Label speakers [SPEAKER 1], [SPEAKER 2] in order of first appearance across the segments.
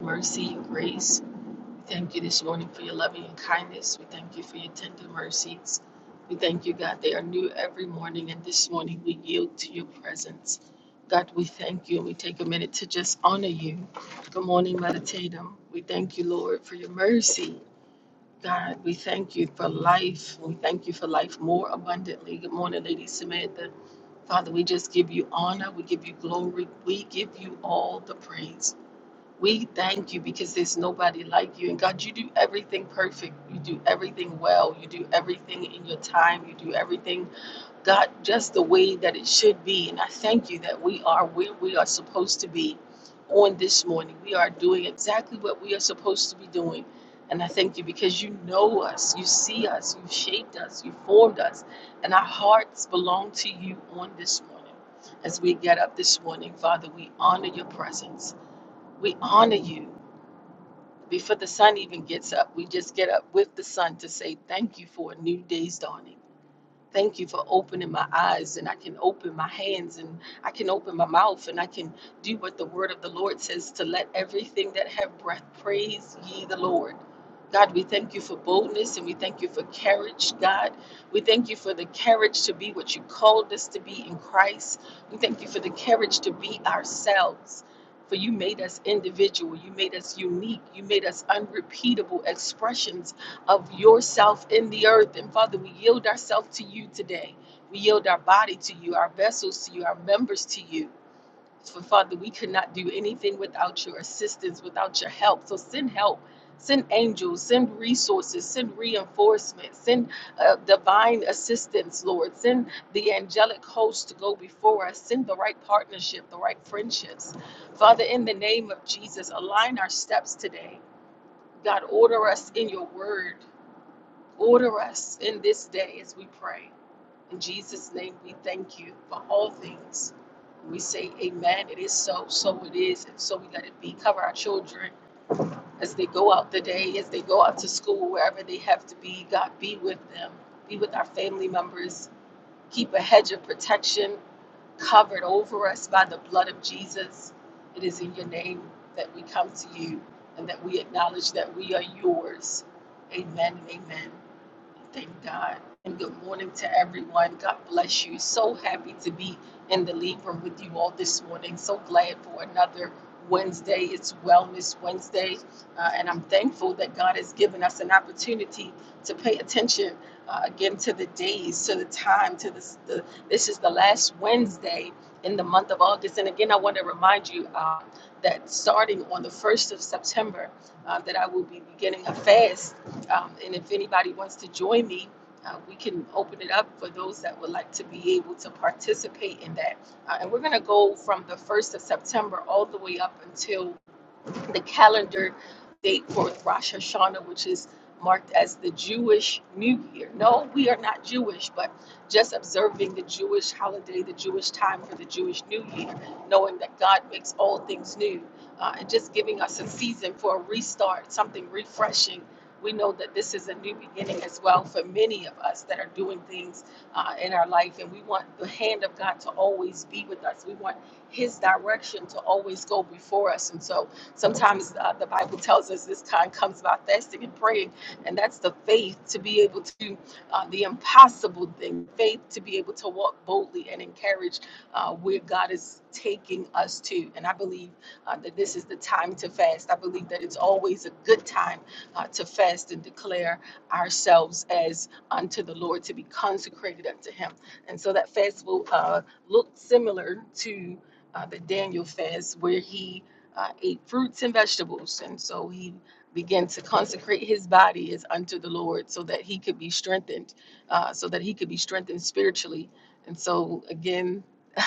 [SPEAKER 1] mercy and grace. We thank you this morning for your loving and kindness. We thank you for your tender mercies. We thank you, God, they are new every morning, and this morning we yield to your presence. God, we thank you, and we take a minute to just honor you. Good morning, Meditatum. We thank you, Lord, for your mercy. God, we thank you for life. We thank you for life more abundantly. Good morning, Lady Samantha. Father, we just give you honor. We give you glory. We give you all the praise. We thank you because there's nobody like you. And God, you do everything perfect. You do everything well. You do everything in your time. You do everything, God, just the way that it should be. And I thank you that we are where we are supposed to be on this morning. We are doing exactly what we are supposed to be doing. And I thank you because you know us, you see us, you shaped us, you formed us. And our hearts belong to you on this morning. As we get up this morning, Father, we honor your presence. We honor you before the sun even gets up. We just get up with the sun to say thank you for a new day's dawning. Thank you for opening my eyes and I can open my hands and I can open my mouth and I can do what the word of the Lord says to let everything that have breath praise ye the Lord. God, we thank you for boldness and we thank you for courage, God. We thank you for the courage to be what you called us to be in Christ. We thank you for the courage to be ourselves. For you made us individual, you made us unique, you made us unrepeatable expressions of yourself in the earth. And Father, we yield ourselves to you today. We yield our body to you, our vessels to you, our members to you. For Father, we could not do anything without your assistance, without your help. So send help, send angels, send resources, send reinforcement, send uh, divine assistance, Lord. Send the angelic host to go before us. Send the right partnership, the right friendships. Father, in the name of Jesus, align our steps today. God, order us in your word. Order us in this day as we pray. In Jesus' name, we thank you for all things. We say, Amen. It is so, so it is, and so we let it be. Cover our children as they go out the day, as they go out to school, wherever they have to be. God, be with them. Be with our family members. Keep a hedge of protection covered over us by the blood of Jesus. It is in your name that we come to you and that we acknowledge that we are yours. Amen and amen. Thank God. And good morning to everyone. God bless you. So happy to be in the lead room with you all this morning. So glad for another Wednesday. It's Wellness Wednesday. Uh, and I'm thankful that God has given us an opportunity to pay attention uh, again to the days, to the time, to this. The, this is the last Wednesday in the month of August. And again, I want to remind you uh, that starting on the 1st of September, uh, that I will be beginning a fast um, and if anybody wants to join me, uh, we can open it up for those that would like to be able to participate in that. Uh, and we're going to go from the 1st of September all the way up until the calendar date for Rosh Hashanah, which is marked as the Jewish New Year. No, we are not Jewish, but just observing the Jewish holiday, the Jewish time for the Jewish New Year, knowing that God makes all things new, uh, and just giving us a season for a restart, something refreshing. We know that this is a new beginning as well for many of us that are doing things uh, in our life, and we want the hand of God to always be with us. We want His direction to always go before us, and so Sometimes uh, the Bible tells us this kind comes by fasting and praying, and that's the faith to be able to uh, the impossible thing, faith to be able to walk boldly and encourage uh, where God is taking us to. And I believe uh, that this is the time to fast. I believe that it's always a good time uh, to fast and declare ourselves as unto the Lord, to be consecrated unto Him. And so that fast will uh, look similar to uh, the Daniel fast, where he uh, ate fruits and vegetables. And so he began to consecrate his body as unto the Lord so that he could be strengthened, uh, so that he could be strengthened spiritually. And so, again,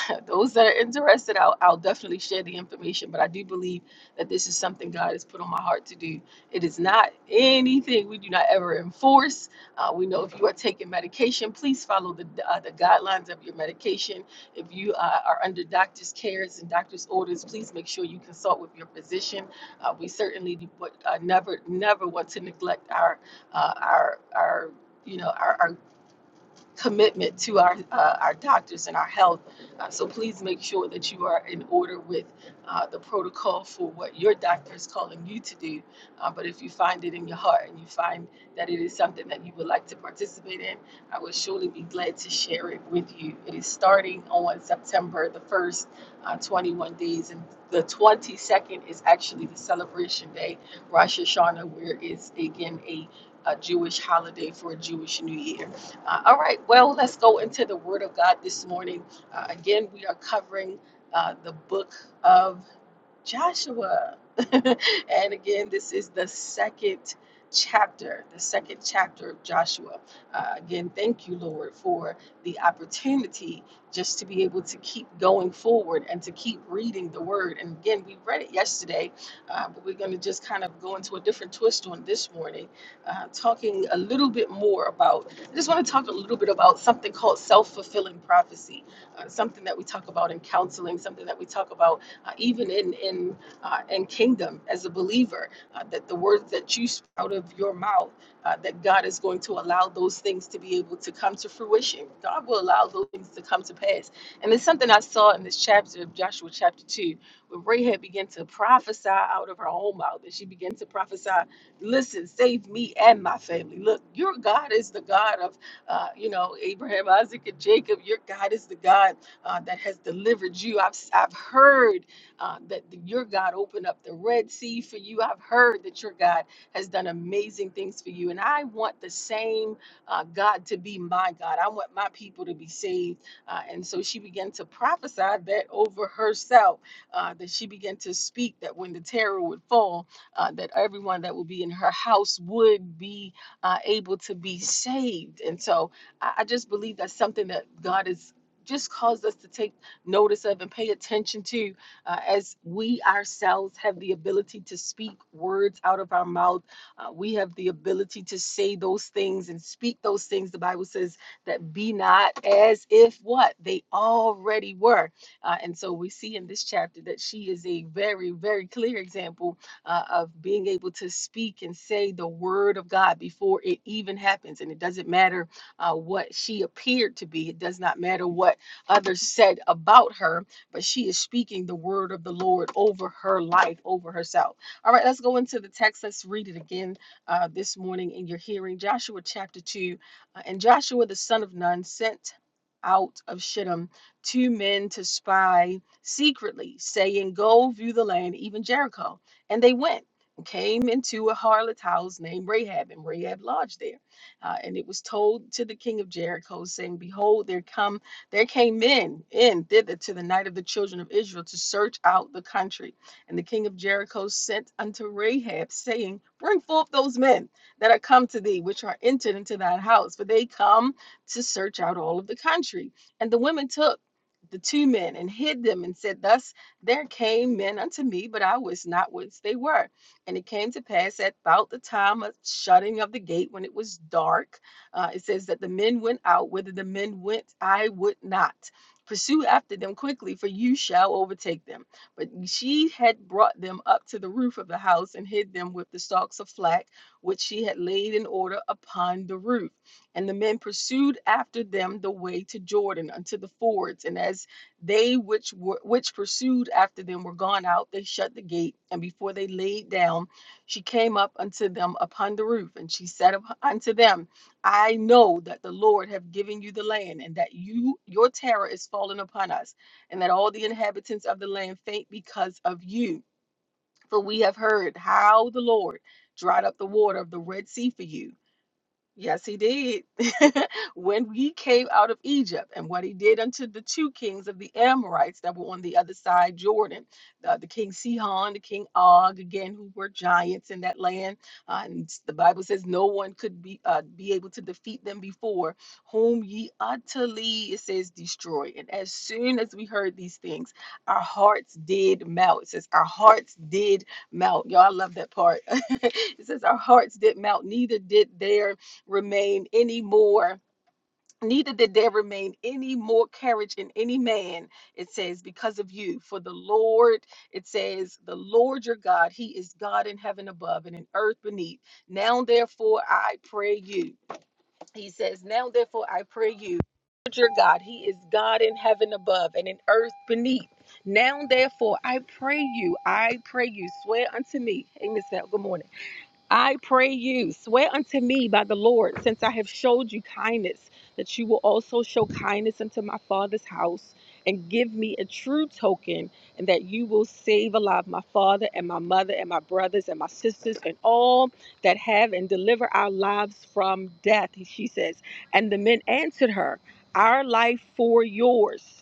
[SPEAKER 1] those that are interested, I'll, I'll definitely share the information. But I do believe that this is something God has put on my heart to do. It is not anything we do not ever enforce. Uh, we know if you are taking medication, please follow the, uh, the guidelines of your medication if you uh, are under doctor's cares and doctor's orders, please make sure you consult with your physician. Uh, we certainly do- uh, never, never want to neglect our, uh, our, our, you know, our, our commitment to our uh, our doctors and our health. Uh, so please make sure that you are in order with uh, the protocol for what your doctor is calling you to do. Uh, but if you find it in your heart and you find that it is something that you would like to participate in, I would surely be glad to share it with you. It is starting on September the first, uh, 21 days, and the 22nd is actually the celebration day, Rosh Hashanah, where it's again a a Jewish holiday for a Jewish New Year. Uh, all right, well, let's go into the Word of God this morning. Uh, again, we are covering uh, the book of Joshua. and again, this is the second chapter, the second chapter of Joshua. Uh, again, thank you, Lord, for the opportunity just to be able to keep going forward and to keep reading the word. And again, we read it yesterday, uh, but we're going to just kind of go into a different twist on this morning, uh, talking a little bit more about, I just want to talk a little bit about something called self fulfilling prophecy, uh, something that we talk about in counseling, something that we talk about uh, even in in uh, in kingdom as a believer, uh, that the words that you spout out of your mouth, uh, that God is going to allow those things to be able to come to fruition. God will allow those things to come to pass. And it's something I saw in this chapter of Joshua chapter two, where Rahab began to prophesy out of her own mouth, and she began to prophesy, "Listen, save me and my family. Look, your God is the God of uh, you know, Abraham, Isaac, and Jacob. Your God is the God uh, that has delivered you. I've, I've heard uh, that the- your God opened up the Red Sea for you. I've heard that your God has done amazing things for you. And I want the same uh, God to be my God. I want my people to be saved. Uh, and so she began to prophesy that over herself, uh, that she began to speak that when the terror would fall, uh, that everyone that would be in her house would be uh, able to be saved. And so I, I just believe that's something that God has just caused us to take notice of and pay attention to uh, as we ourselves have the ability to speak words out of our mouth. Uh, we have the ability to say those things and speak those things. The Bible says that be not as if what they already were. Uh, and so we see in this chapter that she is a very, very clear example uh, of being able to speak and say the word of God before it even happens. And it doesn't matter uh, what she appeared to be, it does not matter what others said about her but she is speaking the word of the Lord over her life, over herself. All right, let's go into the text. Let's read it again uh, this morning in your hearing. Joshua chapter 2. uh, and Joshua the son of Nun sent out of Shittim two men to spy secretly, saying, Go view the land, even Jericho. And they went. and Came into a harlot's house named Rahab, and Rahab lodged there. Uh, and it was told to the king of Jericho, saying, Behold, there come." There came men in thither to the night of the children of Israel to search out the country. And the king of Jericho sent unto Rahab, saying, Bring forth those men that are come to thee, which are entered into thy house, for they come to search out all of the country. And the women took the two men and hid them and said, Thus there came men unto me, but I was not whence they were. And it came to pass at about the time of shutting of the gate when it was dark uh, it says that the men went out, whither the men went, I would not. Pursue after them quickly, for you shall overtake them. But she had brought them up to the roof of the house and hid them with the stalks of flax, which she had laid in order upon the roof. And the men pursued after them the way to Jordan unto the fords. And as they which were which pursued after them were gone out, they shut the gate. And before they laid down, she came up unto them upon the roof, and she said unto them, I know that the Lord have given you the land, and that you your terror is fallen upon us, and that all the inhabitants of the land faint because of you. For we have heard how the Lord dried up the water of the Red Sea for you Yes, he did. when he came out of Egypt and what he did unto the two kings of the Amorites that were on the other side Jordan, uh, the king Sihon, the king Og, again, who were giants in that land. Uh, and the Bible says no one could be uh, be able to defeat them before, whom ye utterly, it says, destroy. And as soon as we heard these things, our hearts did melt. It says, our hearts did melt. Y'all I love that part. it says, our hearts did melt, neither did their remain any more, neither did there remain any more courage in any man, it says, because of you. For the Lord, it says, the Lord your God, he is God in heaven above and in earth beneath. Now, therefore, I pray you. He says, Now, therefore, I pray you. Lord Your God, He is God in heaven above and in earth beneath. Now, therefore, I pray you, I pray you, swear unto me. Hey, Miss Val, good morning. I pray you, swear unto me by the Lord, since I have showed you kindness, that you will also show kindness unto my father's house, and give me a true token, and that you will save alive my father and my mother and my brothers and my sisters and all that have and deliver our lives from death, she says. And the men answered her, Our life for yours.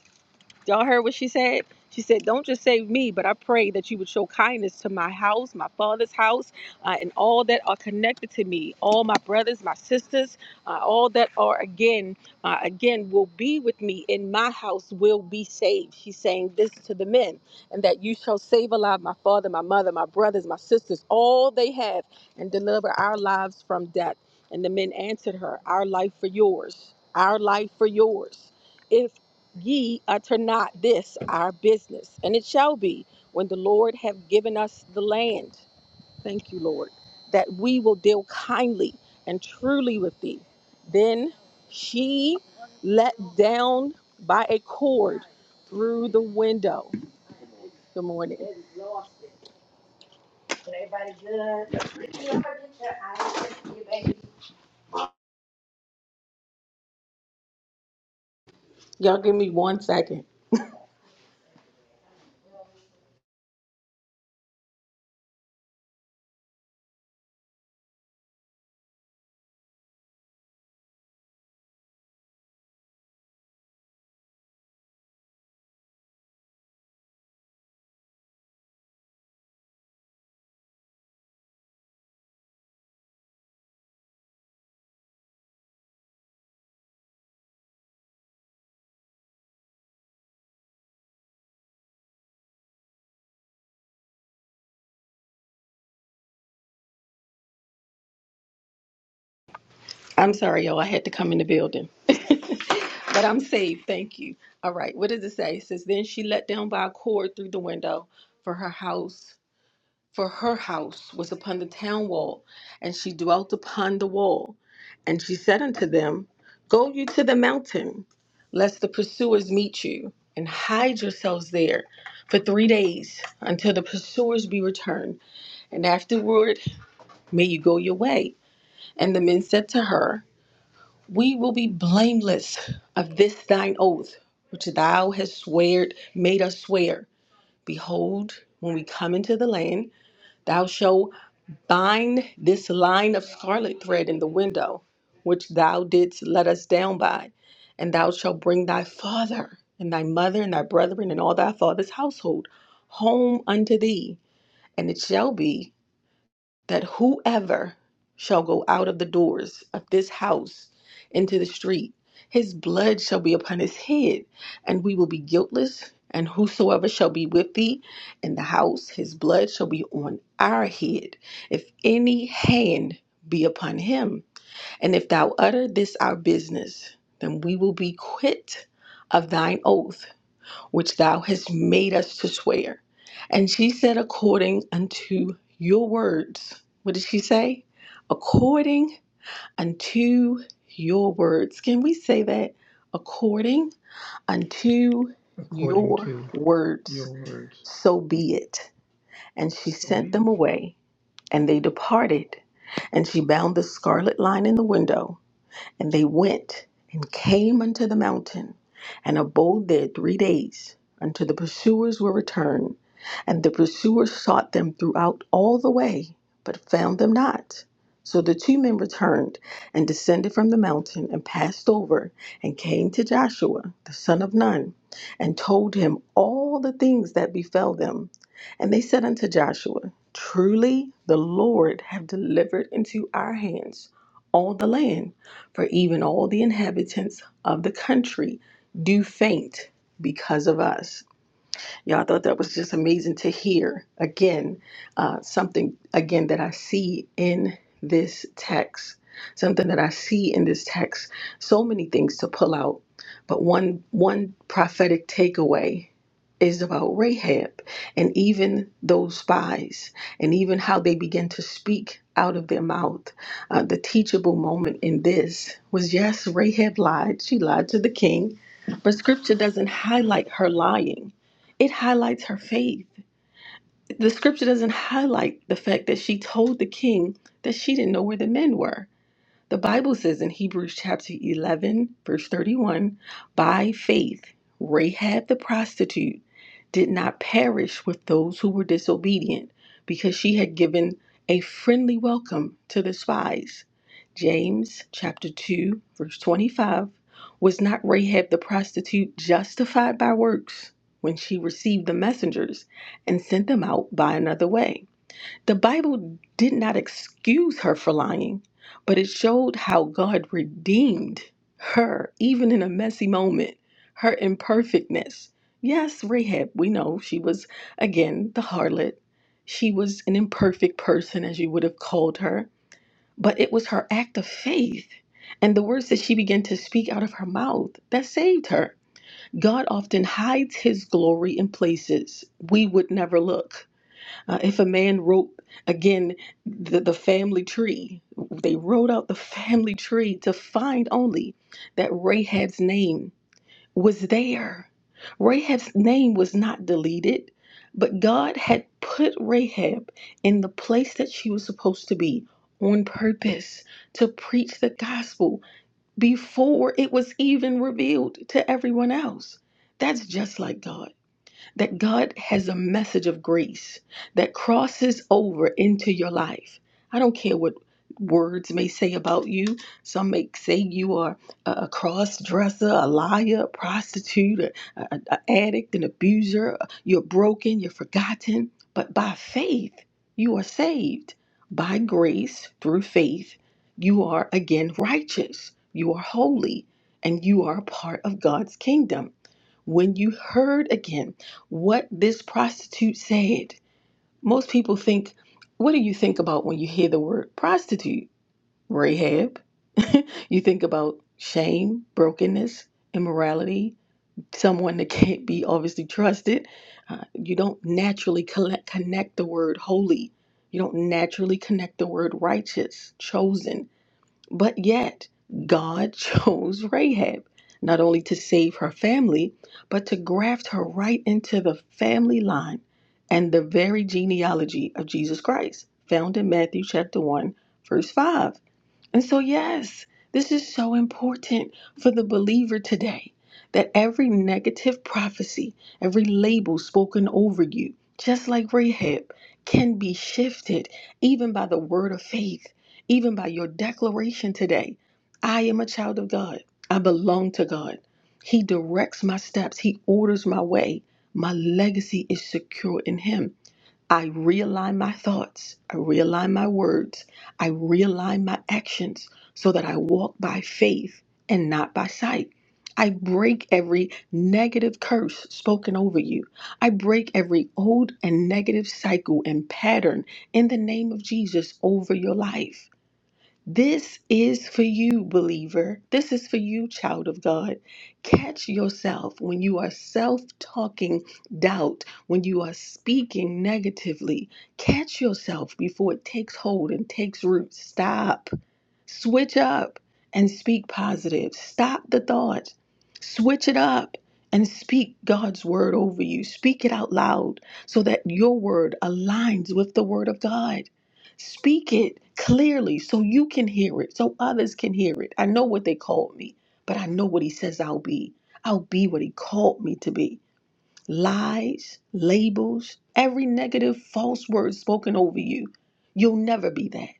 [SPEAKER 1] Y'all heard what she said? She said, Don't just save me, but I pray that you would show kindness to my house, my father's house, uh, and all that are connected to me, all my brothers, my sisters, uh, all that are again, uh, again, will be with me in my house will be saved. She's saying this to the men, and that you shall save alive my father, my mother, my brothers, my sisters, all they have, and deliver our lives from death. And the men answered her, Our life for yours, our life for yours If." ye utter not this our business and it shall be when the lord have given us the land thank you lord that we will deal kindly and truly with thee then she let down by a cord through the window good morning y'all give me one second i'm sorry y'all i had to come in the building But I'm saved, thank you. All right, what does it say? It says, Then she let down by a cord through the window, for her house, for her house was upon the town wall, and she dwelt upon the wall. And she said unto them, Go you to the mountain, lest the pursuers meet you, and hide yourselves there for three days until the pursuers be returned, and afterward may you go your way. And the men said to her, we will be blameless of this thine oath, which thou hast sweared, made us swear. Behold, when we come into the land, thou shalt bind this line of scarlet thread in the window, which thou didst let us down by. And thou shalt bring thy father, and thy mother, and thy brethren, and all thy father's household home unto thee. And it shall be that whoever shall go out of the doors of this house into the street, his blood shall be upon his head, and we will be guiltless. And whosoever shall be with thee in the house, his blood shall be on our head, if any hand be upon him. And if thou utter this our business, then we will be quit of thine oath which thou hast made us to swear. And she said, According unto your words. What did she say? According unto your words. Can we say that? According unto
[SPEAKER 2] according
[SPEAKER 1] your
[SPEAKER 2] to your
[SPEAKER 1] words,
[SPEAKER 2] words.
[SPEAKER 1] so be it. And she
[SPEAKER 2] So be
[SPEAKER 1] sent
[SPEAKER 2] it.
[SPEAKER 1] them away, and they departed. And she bound the scarlet line in the window and they went and came unto the mountain and abode there three days until the pursuers were returned. And the pursuers sought them throughout all the way, but found them not. So the two men returned and descended from the mountain and passed over and came to Joshua, the son of Nun, and told him all the things that befell them. And they said unto Joshua, Truly the Lord hath delivered into our hands all the land for even all the inhabitants of the country do faint because of us. Y'all I thought that was just amazing to hear again, uh, something again that I see in this text, something that I see in this text. So many things to pull out, but one one prophetic takeaway is about Rahab and even those spies and even how they began to speak out of their mouth. Uh, the teachable moment in this was yes, Rahab lied. She lied to the king, but scripture doesn't highlight her lying it highlights her faith. The scripture doesn't highlight the fact that she told the king that she didn't know where the men were. The Bible says in Hebrews chapter 11, verse 31 By faith, Rahab the prostitute did not perish with those who were disobedient because she had given a friendly welcome to the spies. James chapter 2, verse 25 Was not Rahab the prostitute justified by works when she received the messengers and sent them out by another way? The Bible did not excuse her for lying, but it showed how God redeemed her, even in a messy moment, her imperfectness. Yes, Rahab, we know she was, again, the harlot. She was an imperfect person, as you would have called her, but it was her act of faith and the words that she began to speak out of her mouth that saved her. God often hides his glory in places we would never look. Uh, if a man wrote again the, the family tree, they wrote out the family tree to find only that Rahab's name was there. Rahab's name was not deleted, but God had put Rahab in the place that she was supposed to be on purpose to preach the gospel before it was even revealed to everyone else. That's just like God that God has a message of grace that crosses over into your life. I don't care what words may say about you. Some may say you are a a cross-dresser, a liar, a prostitute, a, addict, an abuser. You're broken, you're forgotten. But by faith, you are saved. By grace, through faith, you are again righteous. You are holy, and you are a part of God's kingdom. When you heard again, what this prostitute said. Most people think, what do you think about when you hear the word prostitute? Rahab. you think about shame, brokenness, immorality, someone that can't be obviously trusted. Uh, you don't naturally collect, connect the word holy. You don't naturally connect the word righteous, chosen but yet, God chose Rahab not only to save her family, but to graft her right into the family line and the very genealogy of Jesus Christ, found in Matthew chapter 1, verse 5. And so, yes, this is so important for the believer today that every negative prophecy, every label spoken over you, just like Rahab, can be shifted even by the word of faith, even by your declaration today. I am a child of God. I belong to God. He directs my steps, He orders my way. My legacy is secure in Him. I realign my thoughts, I realign my words, I realign my actions so that I walk by faith and not by sight. I break every negative curse spoken over you. I break every old and negative cycle and pattern in the name of Jesus over your life. This is for you, believer. This is for you, child of God. Catch yourself when you are self talking doubt, when you are speaking negatively. Catch yourself before it takes hold and takes root. Stop. Switch up and speak positive. Stop the thoughts. Switch it up and speak God's word over you. Speak it out loud so that your word aligns with the word of God. Speak it clearly so you can hear it, so others can hear it. I know what they called me, but I know what He says I'll be. I'll be what He called me to be lies, labels, every negative false word spoken over you. You'll never be that.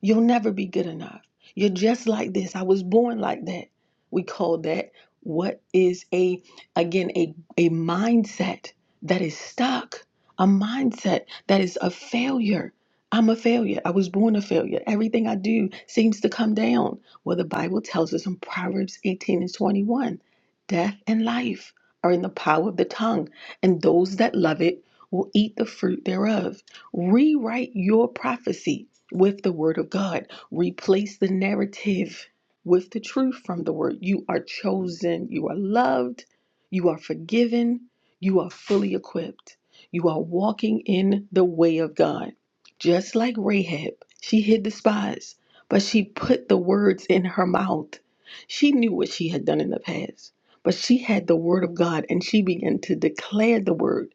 [SPEAKER 1] You'll never be good enough. You're just like this. I was born like that. We call that what is a again a a mindset that is stuck, a mindset that is a failure. I'm a failure. I was born a failure. Everything I do seems to come down. Well, the Bible tells us in Proverbs 18 and 21, death and life are in the power of the tongue and those that love it will eat the fruit thereof. Rewrite your prophecy with the word of God, replace the narrative with the truth from the word. You are chosen, you are loved, you are forgiven, you are fully equipped, you are walking in the way of God. Just like Rahab, she hid the spies, but she put the words in her mouth. She knew what she had done in the past. But she had the word of God and she began to declare the word.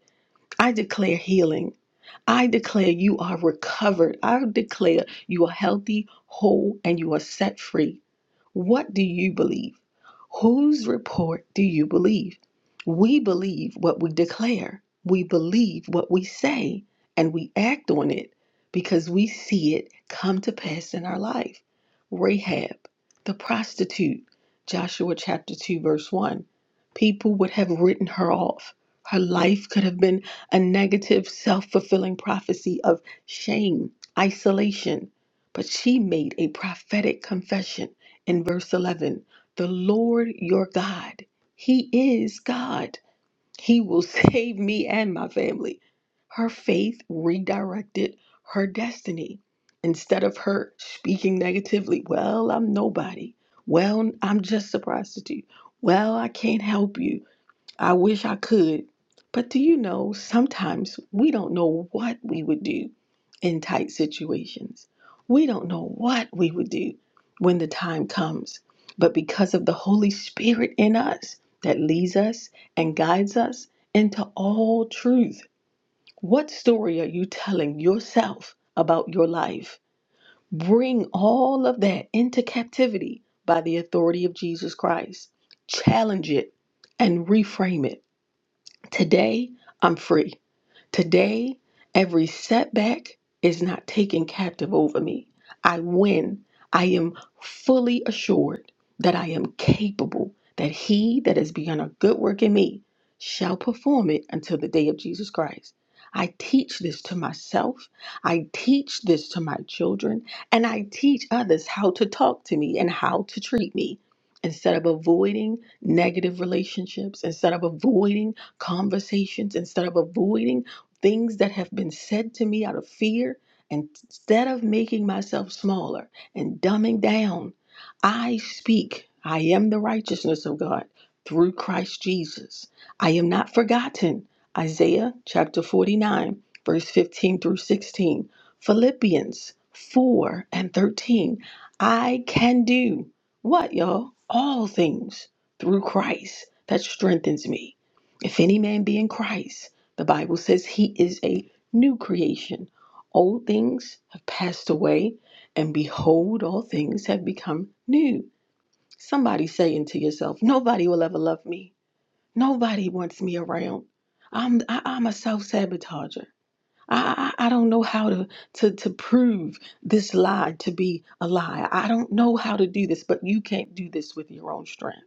[SPEAKER 1] I declare healing. I declare you are recovered. I declare you are healthy, whole, and you are set free. What do you believe? Whose report do you believe? We believe what we declare, we believe what we say, and we act on it because we see it come to pass in our life. Rahab, the prostitute, Joshua chapter 2, verse 1. People would have written her off. Her life could have been a negative, self fulfilling prophecy of shame, isolation. But she made a prophetic confession in verse 11 The Lord your God, He is God. He will save me and my family. Her faith redirected her destiny. Instead of her speaking negatively, well, I'm nobody. Well, I'm just a prostitute. Well, I can't help you. I wish I could. But do you know, sometimes we don't know what we would do in tight situations. We don't know what we would do when the time comes. But because of the Holy Spirit in us that leads us and guides us into all truth, what story are you telling yourself about your life? Bring all of that into captivity by the authority of Jesus Christ. Challenge it and reframe it Today, I'm free. Today, every setback is not taken captive over me. I win. I am fully assured that I am capable, that he that has begun a good work in me shall perform it until the day of Jesus Christ. I teach this to myself. I teach this to my children. And I teach others how to talk to me and how to treat me. Instead of avoiding negative relationships, instead of avoiding conversations instead of avoiding things that have been said to me out of fear. And instead of making myself smaller and dumbing down, I speak. I am the righteousness of God through Christ Jesus. I am not forgotten. Isaiah chapter 49, verse 15 through 16. Philippians 4 and 13. I can do what, y'all? All things through Christ that strengthens me. If any man be in Christ, the Bible says he is a new creation. Old things have passed away, and behold, all things have become new. Somebody saying to yourself, Nobody will ever love me. Nobody wants me around. I'm, I, I'm a self sabotager. I, I, I don't know how to, to, to prove this lie to be a lie. I don't know how to do this, but you can't do this with your own strength.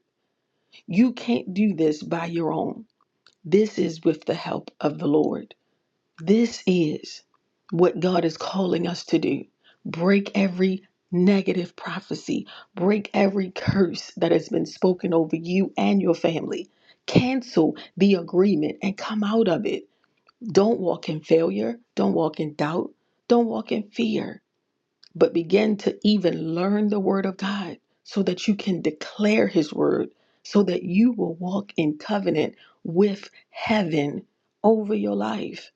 [SPEAKER 1] You can't do this by your own. This is with the help of the Lord. This is what God is calling us to do. Break every negative prophecy, break every curse that has been spoken over you and your family. Cancel the agreement and come out of it. Don't walk in failure. Don't walk in doubt. Don't walk in fear but begin to even learn the word of God so that you can declare his word, so that you will walk in covenant with heaven over your life.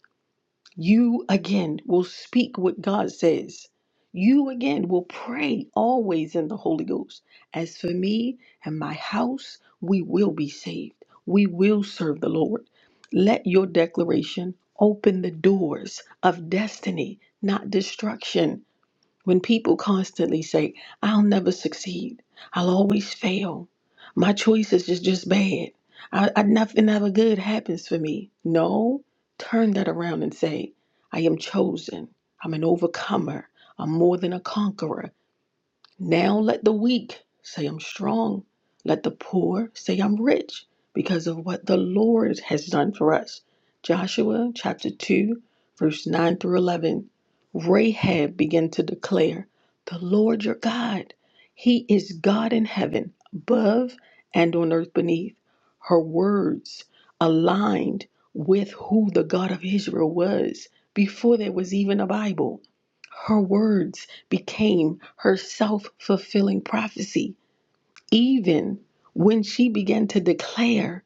[SPEAKER 1] You again will speak what God says. You again will pray always in the Holy Ghost. As for me and my house, we will be saved. We will serve the Lord. Let your declaration open the doors of destiny, not destruction when people constantly say, I'll never succeed, I'll always fail, my choices is just bad, I, I, nothing ever good happens for me. No, turn that around and say, I am chosen, I'm an overcomer, I'm more than a conqueror. Now let the weak say I'm strong. Let the poor say I'm rich because of what the Lord has done for us. Joshua chapter 2, verse 9 through 11. Rahab began to declare, The Lord your God, He is God in heaven, above and on earth beneath. Her words aligned with who the God of Israel was before there was even a Bible. Her words became her self fulfilling prophecy. Even when she began to declare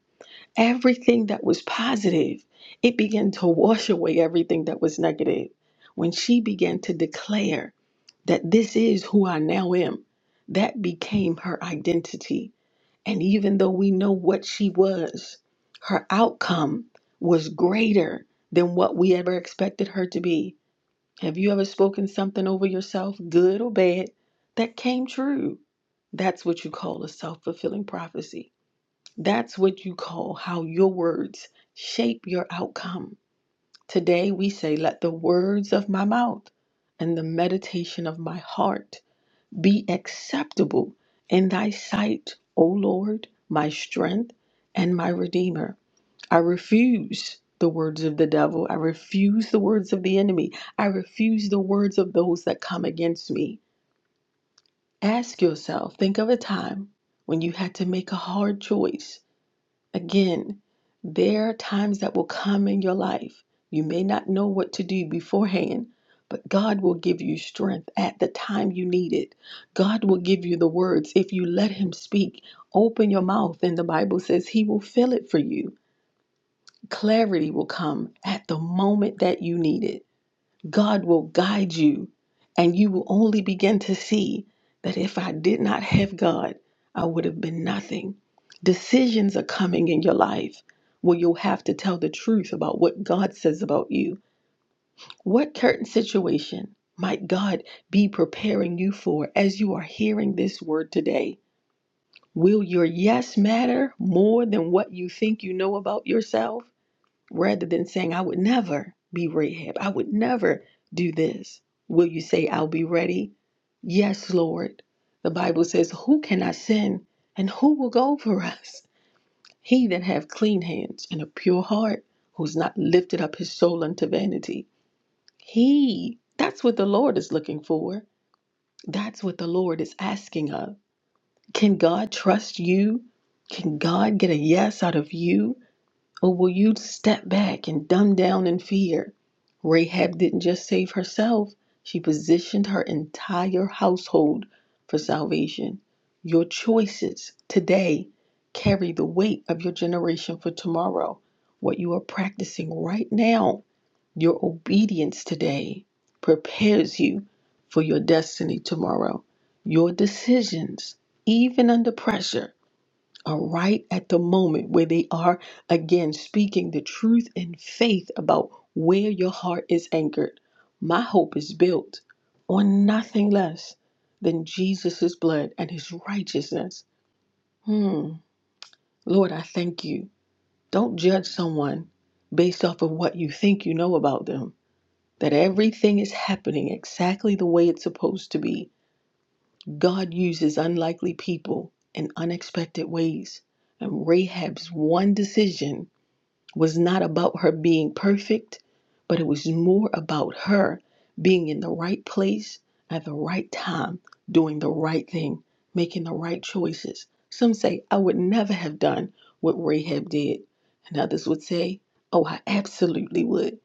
[SPEAKER 1] everything that was positive, it began to wash away everything that was negative. When she began to declare that this is who I now am, that became her identity. And even though we know what she was, her outcome was greater than what we ever expected her to be have you ever spoken something over yourself, good or bad, that came true? That's what you call a self fulfilling prophecy. That's what you call how your words shape your outcome. Today we say, Let the words of my mouth and the meditation of my heart be acceptable in thy sight, O Lord, my strength and my redeemer. I refuse the words of the devil. I refuse the words of the enemy. I refuse the words of those that come against me. Ask yourself, think of a time when you had to make a hard choice. Again, there are times that will come in your life. You may not know what to do beforehand, but God will give you strength at the time you need it. God will give you the words if you let Him speak. Open your mouth, and the Bible says He will fill it for you. Clarity will come at the moment that you need it. God will guide you, and you will only begin to see that if I did not have God, I would have been nothing. Decisions are coming in your life where you'll have to tell the truth about what God says about you. What current situation might God be preparing you for as you are hearing this word today? Will your yes matter more than what you think you know about yourself? rather than saying, I would never be Rahab, I would never do this, will you say, I'll be ready? Yes, Lord. The Bible says, Who can I send and who will go for us? He that have clean hands and a pure heart, who's not lifted up his soul unto vanity. He, that's what the Lord is looking for. That's what the Lord is asking of. Can God trust you? Can God get a yes out of you? Or will you step back and dumb down in fear? Rahab didn't just save herself, she positioned her entire household for salvation. Your choices today carry the weight of your generation for tomorrow. What you are practicing right now, your obedience today prepares you for your destiny tomorrow. Your decisions, even under pressure, are right at the moment where they are again speaking the truth in faith about where your heart is anchored. My hope is built on nothing less than Jesus' blood and his righteousness. Hmm. Lord, I thank you. Don't judge someone based off of what you think you know about them. That everything is happening exactly the way it's supposed to be. God uses unlikely people in unexpected ways. And Rahab's one decision was not about her being perfect, but it was more about her being in the right place at the right time, doing the right thing, making the right choices. Some say, I would never have done what Rahab did. And others would say, Oh, I absolutely would.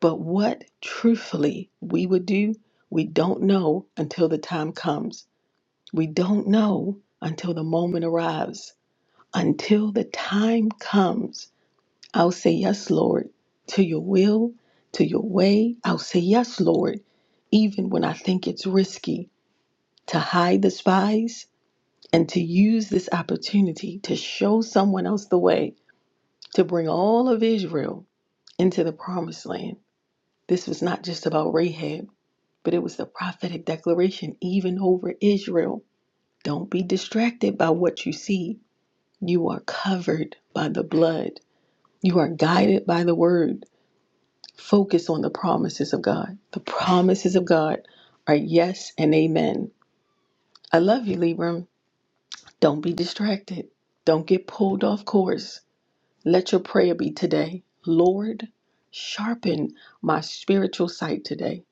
[SPEAKER 1] But what truthfully we would do, we don't know until the time comes. We don't know until the moment arrives. Until the time comes I'll say yes, Lord, to your will, to your way. I'll say yes, Lord, even when I think it's risky to hide the spies and to use this opportunity to show someone else the way to bring all of Israel into the promised land. This was not just about Rahab, but it was the prophetic declaration even over Israel. Don't be distracted by what you see. You are covered by the blood. You are guided by the word. Focus on the promises of God. The promises of God are yes and amen. I love you, Libram. Don't be distracted. Don't get pulled off course. Let your prayer be today. Lord, sharpen my spiritual sight today.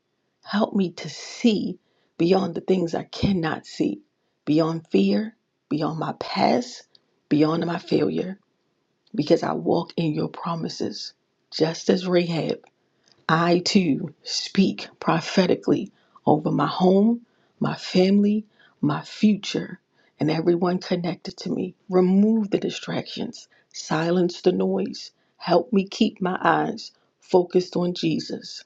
[SPEAKER 1] Help me to see beyond the things I cannot see, beyond fear, beyond my past, beyond my failure, because I walk in your promises. Just as Rahab. I too speak prophetically over my home, my family, my future, and everyone connected to me. Remove the distractions, silence the noise. Help me keep my eyes focused on Jesus.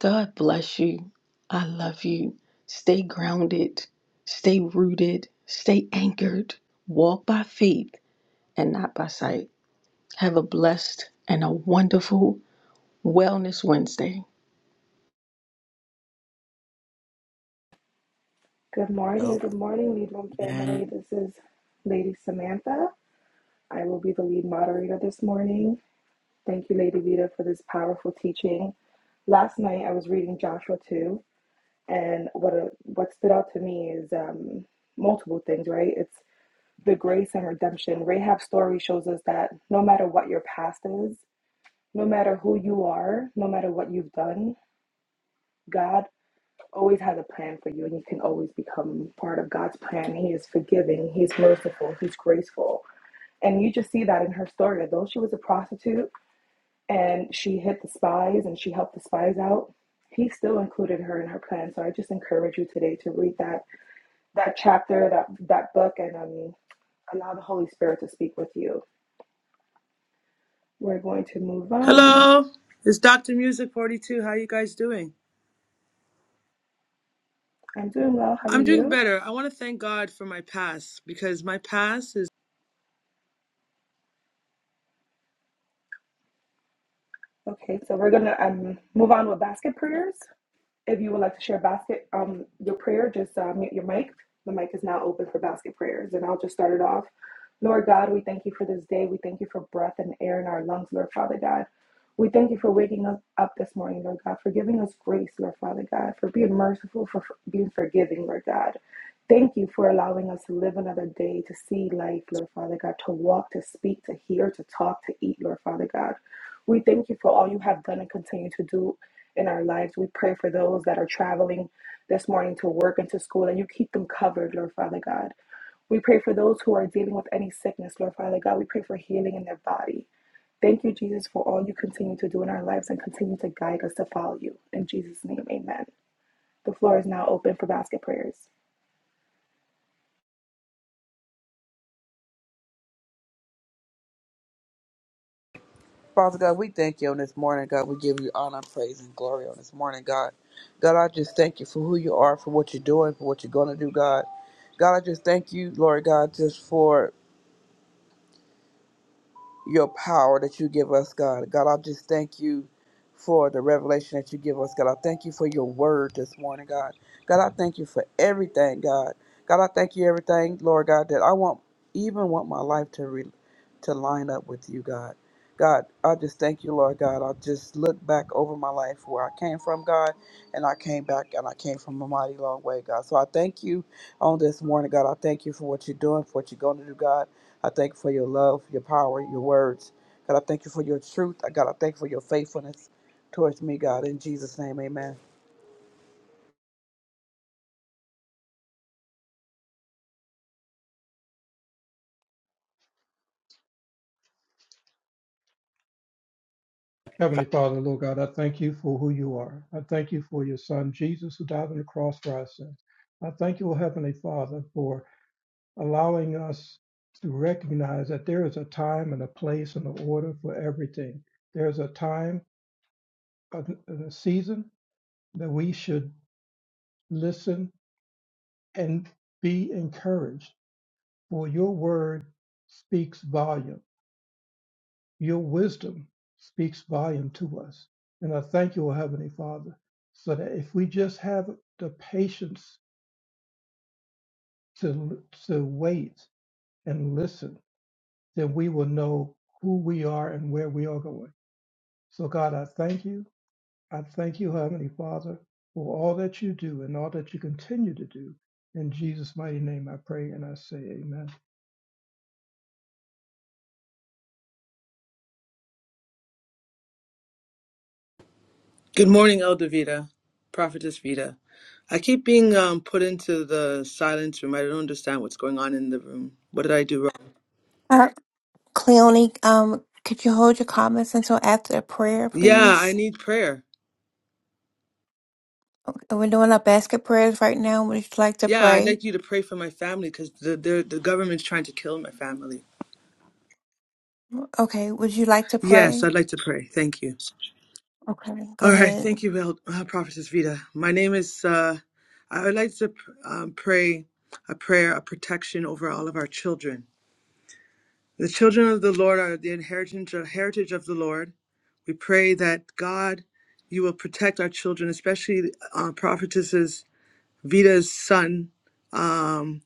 [SPEAKER 1] God bless you. I love you. Stay grounded, stay rooted, stay anchored. Walk by faith and not by sight. Have a blessed and a wonderful Wellness Wednesday.
[SPEAKER 3] Good
[SPEAKER 4] So
[SPEAKER 3] morning,
[SPEAKER 4] be
[SPEAKER 3] good morning, Lead Room family. This is Lady Samantha. I will be the lead moderator this morning. Thank you, Lady Vita, for this powerful teaching. Last night I was reading Joshua 2, and what a, what stood out to me is um, multiple things, right? It's the grace and redemption. Rahab's story shows us that no matter what your past is, no matter who you are, no matter what you've done, God. always has a plan for you and you can always become part of God's plan. He is forgiving, he's merciful, he's graceful. And you just see that in her story. Although she was a prostitute and she hit the spies and she helped the spies out, he still included her in her plan. So I just encourage you today to read that that chapter, that that book and um allow the Holy Spirit to speak with you. We're going to move on.
[SPEAKER 5] Hello, it's Dr. Music 42. How you guys doing?
[SPEAKER 3] I'm doing well. How are
[SPEAKER 5] I'm doing
[SPEAKER 3] you?
[SPEAKER 5] better. I want to thank God for my past because my past is.
[SPEAKER 3] Okay, so we're gonna um move on with basket prayers. If you would like to share basket um your prayer, just uh, mute your mic. The mic is now open for basket prayers, and I'll just start it off. Lord God, we thank you for this day. We thank you for breath and air in our lungs, Lord Father God. We thank you for waking us up this morning, Lord God, for giving us grace, Lord Father God, for being merciful, for for being forgiving, Lord God. Thank you for allowing us to live another day, to see life, Lord Father God, to walk, to speak, to hear, to talk, to eat, Lord Father God. We thank you for all you have done and continue to do in our lives. We pray for those that are traveling this morning to work and to school, and you keep them covered, Lord Father God. We pray for those who are dealing with any sickness, Lord Father God. We pray for healing in their body. Thank you, Jesus, for all you continue to do in our lives and continue to guide us to follow you. In Jesus' name, amen. The floor is now open for basket prayers.
[SPEAKER 6] Father God, we thank you on this morning, God. We give you honor, praise, and glory on this morning, God. God, I just thank you for who you are, for what you're doing, for what you're going to do, God. God, I just thank you, Lord God, just for your power that you give us, God. God, I just thank you for the revelation that you give us, God. I thank you for your word this morning, God. God, I thank you for everything, God. God, I thank you everything, Lord God, that I want even want my life to re- to line up with you, God. God, I just thank you, Lord God. I just look back over my life where I came from, God, and I came back and I came from a mighty long way, God. So I thank you on this morning, God. I thank you for what you're doing, for what you're going to do, God. I thank you for your love, your power, your words. God, I thank you for your truth. I God, I thank you for your faithfulness towards me, God. In Jesus' name, amen.
[SPEAKER 2] Heavenly Father, Lord God, I thank you for who you are. I thank you for your Son, Jesus, who died on the cross for our sins. I thank you, O Heavenly Father, for allowing us to recognize that there is a time and a place and an order for everything. There is a time, a, a season that we should listen and be encouraged, for your word speaks volumes. Your wisdom speaks volume to us. And I thank you, O Heavenly Father, so that if we just have the patience to, to wait and listen, then we will know who we are and where we are going. So, God, I thank you. I thank you, Heavenly Father, for all that you do and all that you continue to do. In Jesus' mighty name, I pray and I say, Amen.
[SPEAKER 5] Good morning, Elder Vita, Prophetess Vita. I keep being um, put into the silence room. I don't understand what's going on in the room. What did I do wrong?
[SPEAKER 7] Uh, Cleone, um, could you hold your comments until after the prayer,
[SPEAKER 5] Yeah, I
[SPEAKER 7] please?
[SPEAKER 5] need prayer.
[SPEAKER 7] We're doing our basket prayers right now. Would you like to
[SPEAKER 5] Yeah, I'd
[SPEAKER 7] pray?
[SPEAKER 5] like you to pray for my family because the, the the government's trying to kill my family.
[SPEAKER 7] Okay, would you like to
[SPEAKER 5] Yes,
[SPEAKER 7] pray?
[SPEAKER 5] I'd like to pray. Thank you.
[SPEAKER 7] Okay, go
[SPEAKER 5] All right,
[SPEAKER 7] ahead.
[SPEAKER 5] thank you, Vel- uh, Prophetess Vita. My name is. Uh, I would like to um, pray a prayer, a protection over all of our children. The children of the Lord are the inheritance, uh, heritage of the Lord. We pray that God, you will protect our children, especially uh, Prophetess Vita's son, um,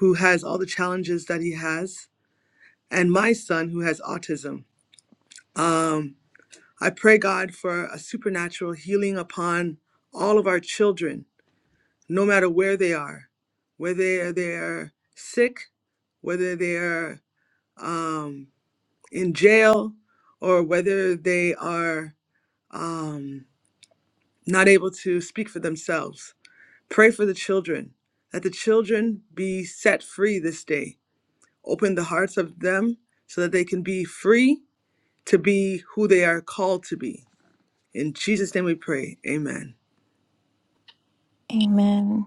[SPEAKER 5] who has all the challenges that he has, and my son who has autism. Um, I pray God for a supernatural healing upon all of our children no matter where they are, whether they're sick, whether they're um, in jail, or whether they are um, not able to speak for themselves. Pray for the children, that the children be set free this day. Open the hearts of them so that they can be free to be who they are called to be. In Jesus' name we pray. Amen.
[SPEAKER 7] Amen.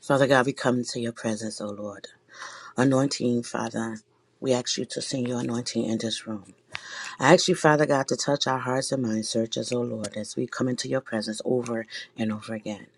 [SPEAKER 4] Father God, we come into your presence, O Lord. Anointing, Father, we ask you to send your anointing in this room. I ask you, Father God, to touch our hearts and minds. Search us, O Lord, as we come into your presence over and over again.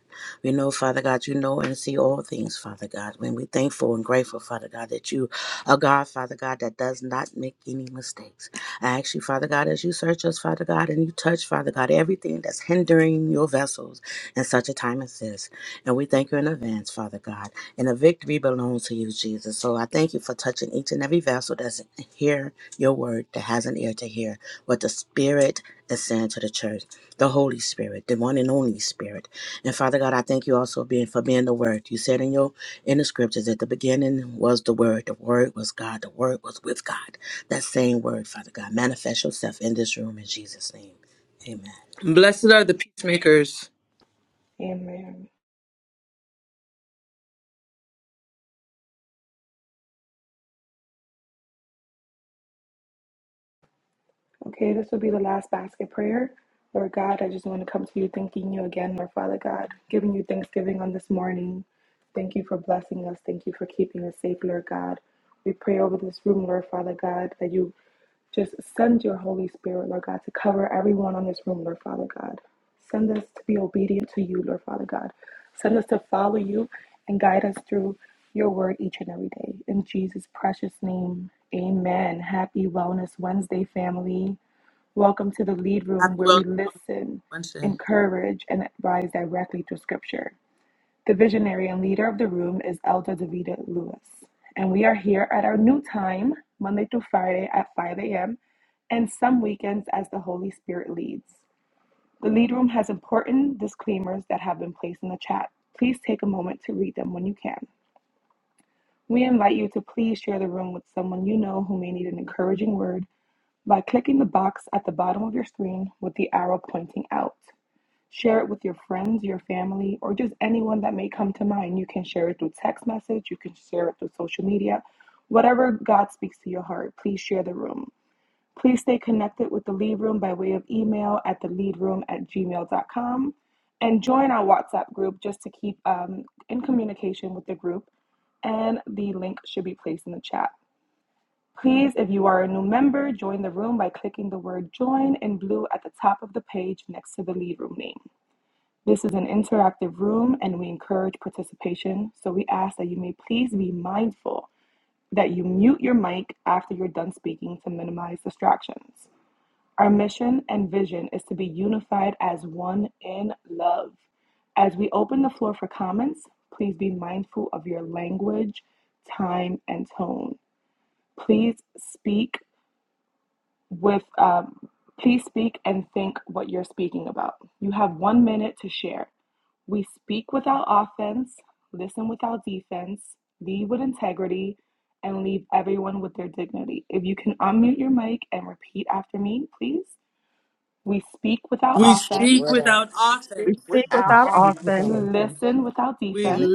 [SPEAKER 4] We know, Father God, you know and see all things, Father God. When we're thankful and grateful, Father God, that you are God, Father God, that does not make any mistakes. I ask you, Father God, as you search us, Father God, and you touch, Father God, everything that's hindering your vessels in such a time as this. And we thank you in advance, Father God. And the victory belongs to you, Jesus. So I thank you for touching each and every vessel that's here your word that has an ear to hear what the Spirit is saying to the church, the Holy Spirit, the one and only Spirit. And Father God, I thank you also being for being the Word. You said in your in the scriptures that the beginning was the Word, the Word was God, the Word was with God. That same Word, Father God, manifest yourself in this room in Jesus' name, Amen.
[SPEAKER 5] Blessed are the peacemakers.
[SPEAKER 3] Amen. Okay, this will be the last basket prayer. Lord God, I just want to come to you thanking you again, Lord Father God, giving you thanksgiving on this morning. Thank you for blessing us. Thank you for keeping us safe, Lord God. We pray over this room, Lord Father God, that you just send your Holy Spirit, Lord God, to cover everyone on this room, Lord Father God. Send us to be obedient to you, Lord Father God. Send us to follow you and guide us through your word each and every day. In Jesus' precious name, amen. Happy Wellness Wednesday, family. Welcome to the lead room
[SPEAKER 5] Happy
[SPEAKER 3] where
[SPEAKER 5] Wellness
[SPEAKER 3] we listen,
[SPEAKER 5] Wednesday.
[SPEAKER 3] encourage, and advise directly through scripture. The visionary and leader of the room is Elder Davida Lewis. And we are here at our new time, Monday through Friday at 5 a.m., and some weekends as the Holy Spirit leads. The lead room has important disclaimers that have been placed in the chat. Please take a moment to read them when you can. We invite you to please share the room with someone you know who may need an encouraging word by clicking the box at the bottom of your screen with the arrow pointing out. Share it with your friends, your family, or just anyone that may come to mind. You can share it through text message, you can share it through social media, whatever God speaks to your heart. Please share the room. Please stay connected with the lead room by way of email at the leadroom at gmail.com and join our WhatsApp group just to keep um, in communication with the group. And the link should be placed in the chat. Please, if you are a new member, join the room by clicking the word join in blue at the top of the page next to the lead room name. This is an interactive room and we encourage participation, so we ask that you may please be mindful that you mute your mic after you're done speaking to minimize distractions. Our mission and vision is to be unified as one in love. As we open the floor for comments, please be mindful of your language, time, and tone. Please speak with um, please speak and think what you're speaking about. You have one minute to share. We speak without offense, listen without defense, lead with integrity, and leave everyone with their dignity. If you can unmute your mic and repeat after me, please. We speak without
[SPEAKER 4] We
[SPEAKER 5] We
[SPEAKER 4] speak
[SPEAKER 3] offense,
[SPEAKER 5] speak
[SPEAKER 4] what I
[SPEAKER 5] without
[SPEAKER 8] We
[SPEAKER 5] offense.
[SPEAKER 8] speak
[SPEAKER 2] We
[SPEAKER 9] without
[SPEAKER 8] without
[SPEAKER 2] speak
[SPEAKER 9] offense,
[SPEAKER 8] offense,
[SPEAKER 2] without offense.
[SPEAKER 3] listen without
[SPEAKER 5] We
[SPEAKER 3] defense,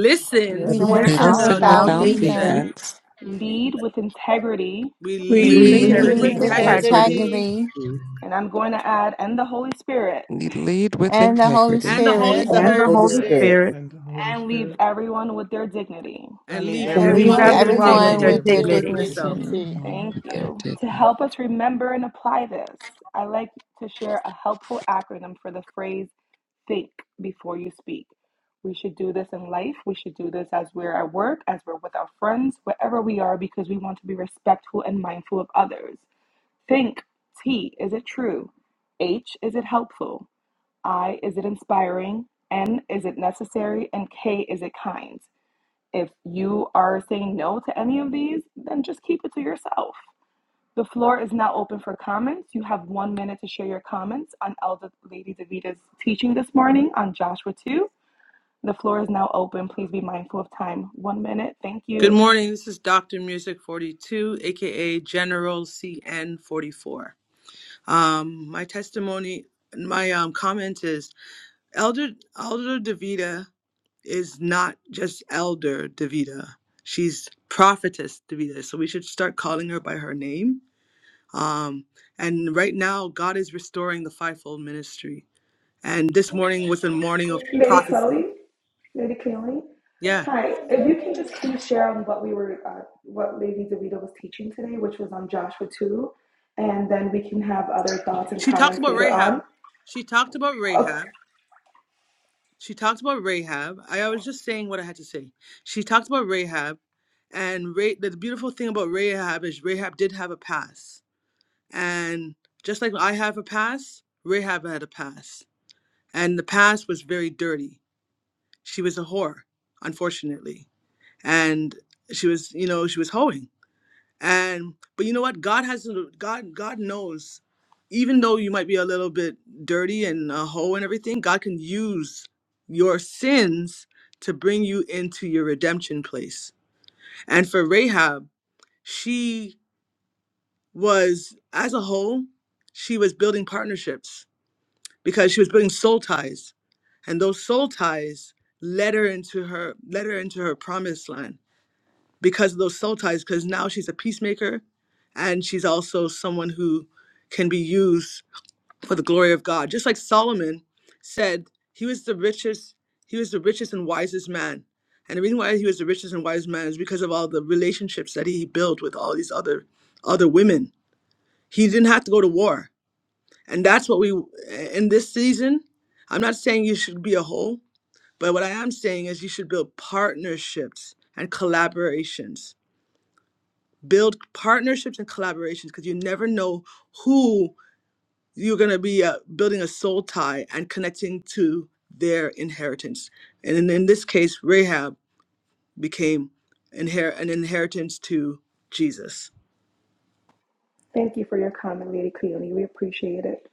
[SPEAKER 2] We
[SPEAKER 7] We
[SPEAKER 8] we
[SPEAKER 9] missing
[SPEAKER 2] listen
[SPEAKER 7] listen
[SPEAKER 8] listen
[SPEAKER 9] without
[SPEAKER 2] without
[SPEAKER 10] Listen
[SPEAKER 5] without
[SPEAKER 8] without
[SPEAKER 7] without
[SPEAKER 10] without
[SPEAKER 2] defense.
[SPEAKER 9] offense,
[SPEAKER 8] defense,
[SPEAKER 7] defense.
[SPEAKER 5] defense.
[SPEAKER 10] defense.
[SPEAKER 3] lead with integrity,
[SPEAKER 5] We
[SPEAKER 11] We
[SPEAKER 9] lead
[SPEAKER 2] We
[SPEAKER 8] we
[SPEAKER 9] with
[SPEAKER 7] We
[SPEAKER 5] lead
[SPEAKER 2] lead
[SPEAKER 11] lead
[SPEAKER 8] lead
[SPEAKER 2] with
[SPEAKER 5] with
[SPEAKER 11] with
[SPEAKER 8] with
[SPEAKER 7] lead
[SPEAKER 9] integrity
[SPEAKER 7] with
[SPEAKER 12] and
[SPEAKER 4] believe.
[SPEAKER 2] integrity.
[SPEAKER 5] integrity
[SPEAKER 8] integrity
[SPEAKER 11] integrity
[SPEAKER 7] integrity
[SPEAKER 13] Mm.
[SPEAKER 3] and I'm going to add, and the Holy Spirit,
[SPEAKER 10] Lead with
[SPEAKER 7] and the Holy
[SPEAKER 10] integrity.
[SPEAKER 5] and the
[SPEAKER 9] and the
[SPEAKER 5] Holy
[SPEAKER 7] Spirit,
[SPEAKER 11] and the
[SPEAKER 9] Holy
[SPEAKER 12] the
[SPEAKER 8] and the
[SPEAKER 5] Spirit,
[SPEAKER 11] Holy
[SPEAKER 12] Holy
[SPEAKER 8] Holy
[SPEAKER 9] Spirit.
[SPEAKER 5] please,
[SPEAKER 11] Spirit
[SPEAKER 12] Spirit.
[SPEAKER 8] Spirit,
[SPEAKER 2] And the Holy
[SPEAKER 3] and leave
[SPEAKER 2] Spirit.
[SPEAKER 3] everyone with their dignity.
[SPEAKER 9] I
[SPEAKER 5] and
[SPEAKER 9] leave
[SPEAKER 5] leave
[SPEAKER 7] and
[SPEAKER 11] and
[SPEAKER 8] and
[SPEAKER 7] we
[SPEAKER 8] leave
[SPEAKER 11] leave
[SPEAKER 5] everyone
[SPEAKER 7] leave
[SPEAKER 9] everyone
[SPEAKER 5] with
[SPEAKER 9] with
[SPEAKER 5] their
[SPEAKER 9] their
[SPEAKER 8] everyone
[SPEAKER 2] and
[SPEAKER 8] with
[SPEAKER 11] everyone
[SPEAKER 7] everyone
[SPEAKER 2] leave
[SPEAKER 8] their
[SPEAKER 9] dignity.
[SPEAKER 5] dignity,
[SPEAKER 7] with
[SPEAKER 11] with
[SPEAKER 7] their
[SPEAKER 2] everyone
[SPEAKER 11] their
[SPEAKER 2] with
[SPEAKER 5] including
[SPEAKER 2] their
[SPEAKER 8] dignity.
[SPEAKER 5] myself.
[SPEAKER 7] dignity.
[SPEAKER 2] dignity.
[SPEAKER 11] dignity.
[SPEAKER 10] Honor
[SPEAKER 3] Thank
[SPEAKER 10] with their
[SPEAKER 3] you. To
[SPEAKER 10] dignity.
[SPEAKER 3] help us remember and apply this, I like to share a helpful acronym for the phrase think before you speak. We should do this in life. We should do this as we're at work, as we're with our friends, wherever we are, because we want to be respectful and mindful of others. Think T, is it true? H, is it helpful? I, is it inspiring? N, is it necessary? And K, is it kind? If you are saying no to any of these, then just keep it to yourself. The floor is now open for comments. You have one minute to share your comments on Elder Lady Davita's teaching this morning on Joshua 2. The floor is now open. Please be mindful of time. One minute. Thank
[SPEAKER 5] Good
[SPEAKER 3] you.
[SPEAKER 5] morning. This is Dr. Music 42, aka General CN 44. Um, my testimony, my um, comment is Elder Elder Davida is not just Elder Davida. She's Prophetess Davida. So we should start calling her by her name. Um, and right now, God is restoring the fivefold ministry. And this morning was a morning of
[SPEAKER 3] Lady
[SPEAKER 5] prophecy.
[SPEAKER 3] Chloe, Lady Chloe.
[SPEAKER 5] Yeah.
[SPEAKER 3] Hi. If you can just please share on what we were, uh, what Lady Davita was teaching today, which was on Joshua 2, and then we can have other thoughts and
[SPEAKER 5] She talked
[SPEAKER 3] comments
[SPEAKER 5] about
[SPEAKER 3] later
[SPEAKER 5] Rahab.
[SPEAKER 3] on.
[SPEAKER 5] She talked about
[SPEAKER 3] Okay.
[SPEAKER 5] Rahab. She talked about Rahab. I, I was just saying what I had to say. She talked about Rahab. And Ra- the beautiful thing about Rahab is Rahab did have a past. And just like I have a past, Rahab had a past and the past was very dirty. She was a whore, unfortunately, and she was, you know, she was hoeing. And but you know what? God has God. God knows, even though you might be a little bit dirty and a hoe and everything, God can use your sins to bring you into your redemption place. And for Rahab, she was as a whole, she was building partnerships because she was building soul ties and those soul ties led her into her led her into her promised land because of those soul ties because now she's a peacemaker and she's also someone who can be used for the glory of god just like solomon said he was the richest he was the richest and wisest man and the reason why he was the richest and wisest man is because of all the relationships that he built with all these other other women he didn't have to go to war and that's what we, in this season, I'm not saying you should be a whole, but what I am saying is you should build partnerships and collaborations. Build partnerships and collaborations because you never know who you're going to be uh, building a soul tie and connecting to their inheritance. And in, in this case, Rahab became inher- an inheritance to Jesus.
[SPEAKER 3] Thank you for your comment, Lady Cleone. We appreciate it.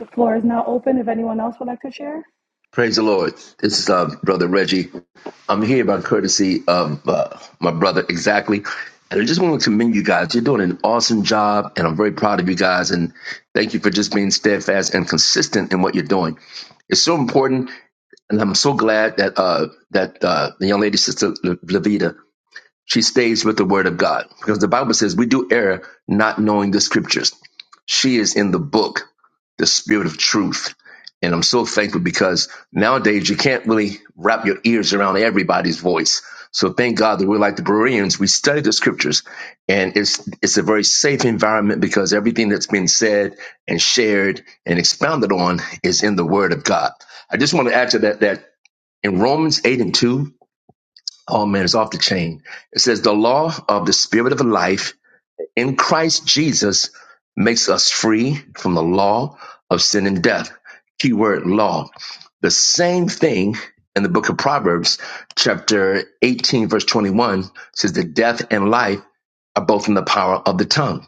[SPEAKER 3] The floor is now open if anyone else would like to share.
[SPEAKER 14] Praise the Lord. This is uh, Brother Reggie. I'm here by courtesy of uh, my brother, exactly. And I just want to commend you guys. You're doing an awesome job, and I'm very proud of you guys. And thank you for just being steadfast and consistent in what you're doing. It's so important, and I'm so glad that uh, that uh, the young lady, Sister Le- Levita, she stays with the Word of God because the Bible says we do err not knowing the Scriptures. She is in the book the spirit of truth. And I'm so thankful because nowadays you can't really wrap your ears around everybody's voice. So thank God that we're like the Bereans. We study the scriptures and it's, it's a very safe environment because everything that's been said and shared and expounded on is in the word of God. I just want to add to that, that in Romans 8 and 2, oh man, it's off the chain. It says the law of the spirit of life in Christ Jesus makes us free from the law of sin and death. Keyword law. The same thing in the book of Proverbs, chapter 18, verse 21 says that death and life are both in the power of the tongue.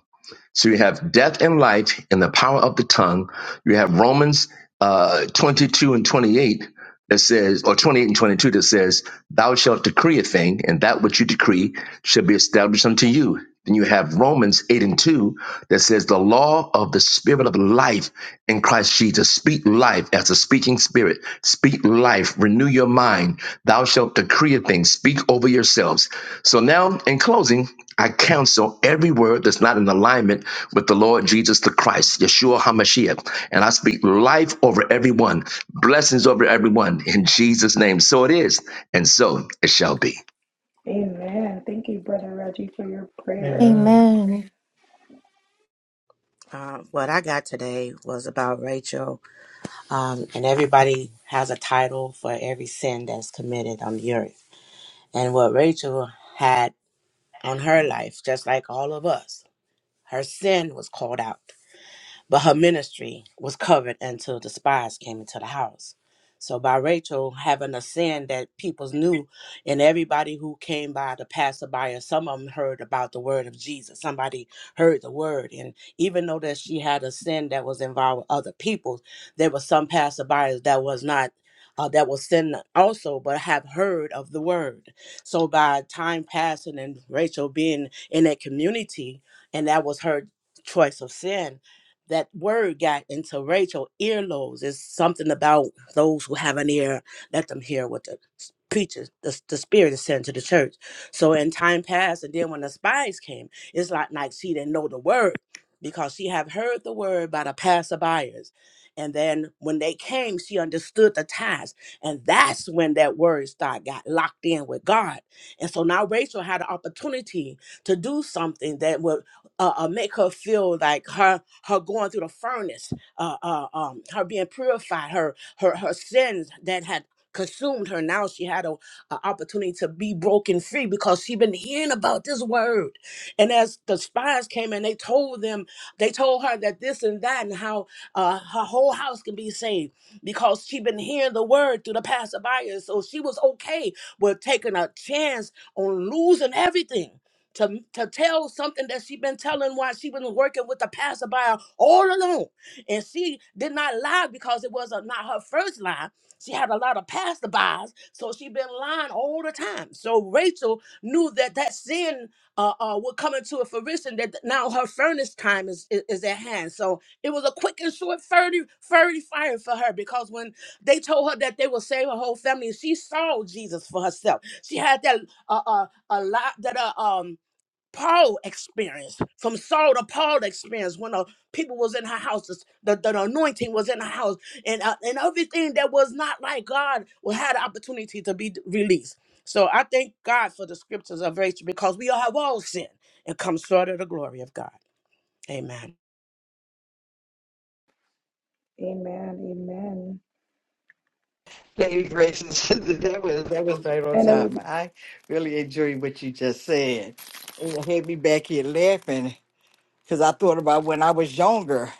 [SPEAKER 14] So you have death and life in the power of the tongue. You have Romans uh, 22 and 28 that says, or 28 and 22 that says, Thou shalt decree a thing, and that which you decree shall be established unto you. Then you have Romans 8 and 2 that says, The law of the spirit of life in Christ Jesus. Speak life as a speaking spirit. Speak life. Renew your mind. Thou shalt decree a thing. Speak over yourselves. So now, in closing, I counsel every word that's not in alignment with the Lord Jesus the Christ, Yeshua HaMashiach. And I speak life over everyone. Blessings over everyone in Jesus' name. So it is, and so it shall be.
[SPEAKER 3] Amen. Thank you, Brother Reggie, for your prayer.
[SPEAKER 2] Amen.
[SPEAKER 7] Amen.
[SPEAKER 4] uh, what I got today was about Rachel, um, and everybody has a title for every sin that's committed on the earth and what Rachel had on her life, just like all of us. Her sin was called out. But her ministry was covered until the spies came into the house. So by Rachel having a sin that people knew, and everybody who came by the passerby, or some of them heard about the word of Jesus. Somebody heard the word, and even though that she had a sin that was involved with other people, there were some passerbyers that was not uh, that was sin also, but have heard of the word. So by time passing and Rachel being in that community, and that was her choice of sin, that word got into Rachel earlobes. It's something about those who have an ear, let them hear what the s- preacher, the, the spirit is saying to the church. So in time passed, and then when the spies came, it's like, like she didn't know the word because she had heard the word by the passerbyers. And then when they came, she understood the ties. And that's when that word start got locked in with God. And so now Rachel had an opportunity to do something that would uh, uh, make her feel like her her going through the furnace, uh, uh, um, her being purified, her her her sins that had consumed her. Now she had a, a opportunity to be broken free because she been hearing about this word. And as the spies came and they told them, they told her that this and that and how uh, her whole house can be saved because she been hearing the word through the passerby. So she was okay with taking a chance on losing everything to, to tell something that she been telling while she was working with the passerby all along. And she did not lie because it was a, not her first lie. She had a lot of passerbys, so she been lying all the time. So Rachel knew that that sin uh, uh, would come into a fruition that now her furnace time is, is, is at hand. So it was a quick and short furry, furry fire for her because when they told her that they will save her whole family, she saw Jesus for herself. She had that uh, uh, a lot that uh, um Paul experience, from Saul to Paul experience, when the people was in her house, the, the, the anointing was in her house, and uh, and everything that was not like God will had the opportunity to be released. So I thank God for the scriptures of Rachel because we all have all sinned and come short of the glory of God. Amen.
[SPEAKER 3] Amen. Amen.
[SPEAKER 15] Lady Gracious, that was that was right on
[SPEAKER 3] And it was,
[SPEAKER 15] time. I really enjoyed what you just said. It had me back here laughing because I thought about when I was younger.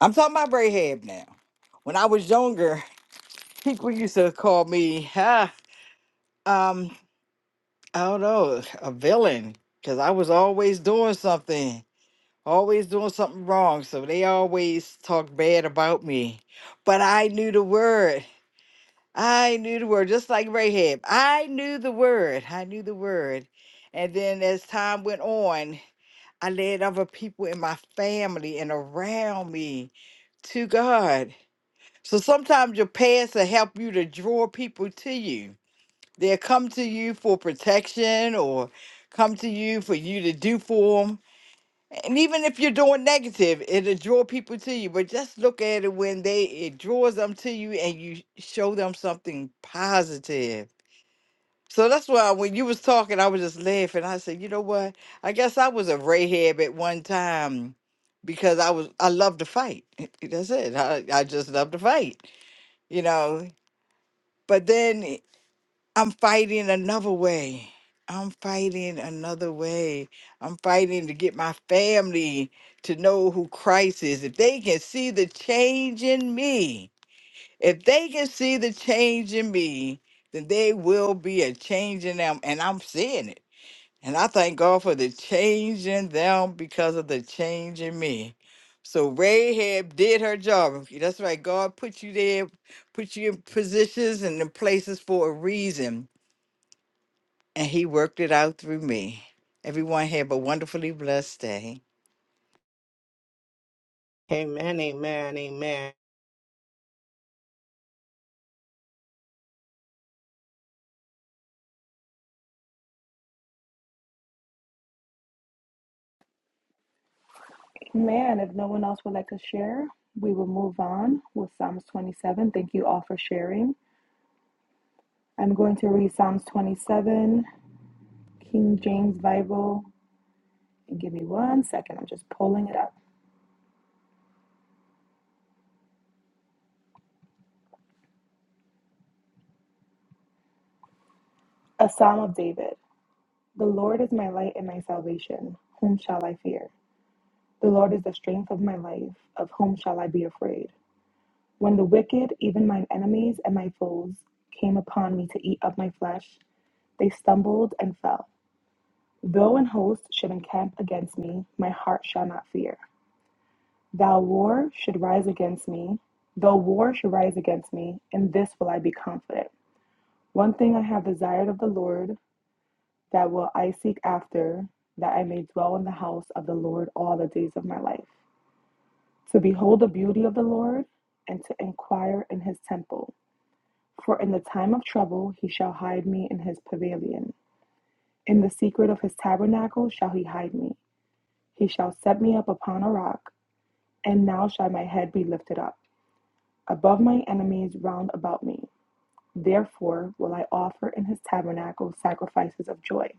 [SPEAKER 15] I'm talking about Rahab now. When I was younger, people used to call me, huh, um, I don't know, a villain because I was always doing something, always doing something wrong. So they always talked bad about me, but I knew the word. I knew the word, just like Rahab. I knew the word. I knew the word. And then as time went on, I led other people in my family and around me to God. So sometimes your past will help you to draw people to you. They'll come to you for protection or come to you for you to do for 'em. And even if you're doing negative, it'll draw people to you. But just look at it when they it draws them to you and you show them something positive. So that's why when you was talking, I was just laughing. I said, you know what? I guess I was a rahab at one time because I was I love to fight. That's it. I, I just love to fight, you know. But then I'm fighting another way. I'm fighting another way. I'm fighting to get my family to know who Christ is. If they can see the change in me, if they can see the change in me, then they will be a change in them. And I'm seeing it. And I thank God for the change in them because of the change in me. So Rahab did her job. That's right. God put you there, put you in positions and in places for a reason and he worked it out through me. Everyone have a wonderfully blessed day.
[SPEAKER 4] Amen, amen, amen.
[SPEAKER 3] man, if no one else would like to share, we will move on with Psalms 27. Thank you all for sharing. I'm going to read Psalms 27, King James Bible. And give me one second. I'm just pulling it up. A Psalm of David. The Lord is my light and my salvation. Whom shall I fear? The Lord is the strength of my life. Of whom shall I be afraid? When the wicked, even mine enemies and my foes, came upon me to eat up my flesh, they stumbled and fell. Though an host should encamp against me, my heart shall not fear. Thou war should rise against me, though war should rise against me, in this will I be confident. One thing I have desired of the Lord, that will I seek after, that I may dwell in the house of the Lord all the days of my life, to behold the beauty of the Lord, and to inquire in his temple. For in the time of trouble he shall hide me in his pavilion. In the secret of his tabernacle shall he hide me. He shall set me up upon a rock, and now shall my head be lifted up above my enemies round about me. Therefore will I offer in his tabernacle sacrifices of joy.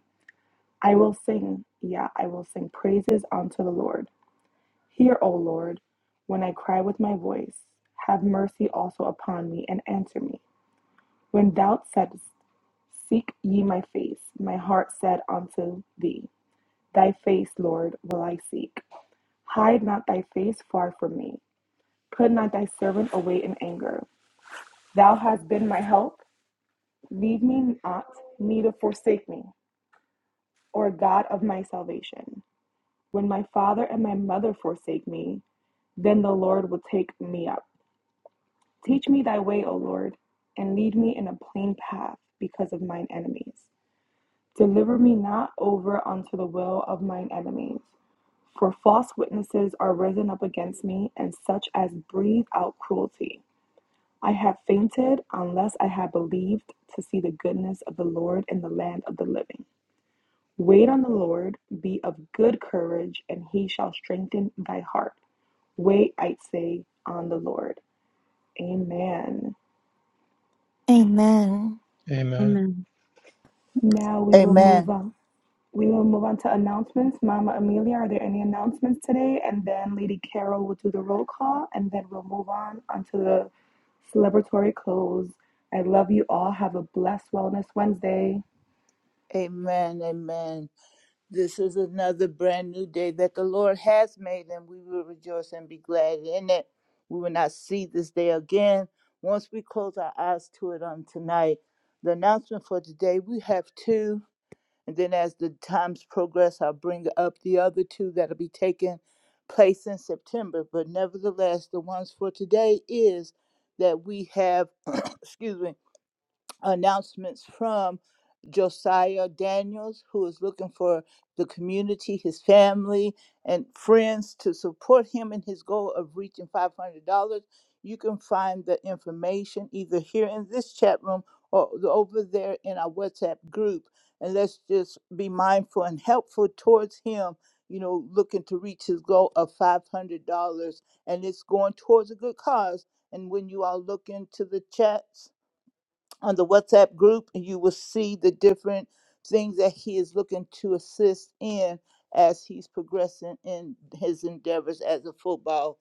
[SPEAKER 3] I will sing, yeah, I will sing praises unto the Lord. Hear, O Lord, when I cry with my voice. Have mercy also upon me and answer me. When thou saidst, Seek ye my face. My heart said unto thee, Thy face, Lord, will I seek. Hide not thy face far from me. Put not thy servant away in anger. Thou hast been my help. Leave me not, neither forsake me, O God of my salvation. When my father and my mother forsake me, then the Lord will take me up. Teach me thy way, O Lord, and lead me in a plain path because of mine enemies. Deliver me not over unto the will of mine enemies, For false witnesses are risen up against me, and such as breathe out cruelty. I have fainted unless I had believed to see the goodness of the Lord in the land of the living. Wait on the Lord, be of good courage, and he shall strengthen thy heart. Wait, I say, on the Lord. Amen.
[SPEAKER 7] Amen.
[SPEAKER 2] Amen.
[SPEAKER 8] Amen.
[SPEAKER 3] Now we will move
[SPEAKER 11] Amen.
[SPEAKER 3] on. We will move on to announcements. Mama Amelia, are there any announcements today? And then Lady Carol will do the roll call, and then we'll move on onto the celebratory close. I love you all. Have a blessed Wellness Wednesday.
[SPEAKER 11] Amen. Amen. This is another brand new day that the Lord has made, and we will rejoice and be glad in it. We will not see this day again once we close our eyes to it on tonight. The announcement for today we have two. And then as the times progress, I'll bring up the other two that'll be taking place in September. But nevertheless, the ones for today is that we have, excuse me, announcements from Josiah Daniels, who is looking for the community, his family, and friends to support him in his goal of reaching $500. You can find the information either here in this chat room or over there in our WhatsApp group. And let's just be mindful and helpful towards him, you know, looking to reach his goal of $500. And it's going towards a good cause. And when you all look into the chats, on the WhatsApp group, and you will see the different things that he is looking to assist in as he's progressing in his endeavors as a football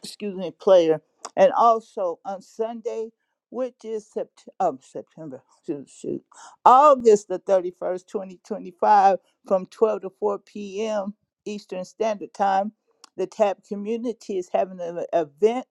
[SPEAKER 11] excuse me, player. And also on Sunday, which is Sept- um, September, shoot, shoot, August the 31st, 2025, from 12 to 4 p.m. Eastern Standard Time, the TAP community is having an e-, event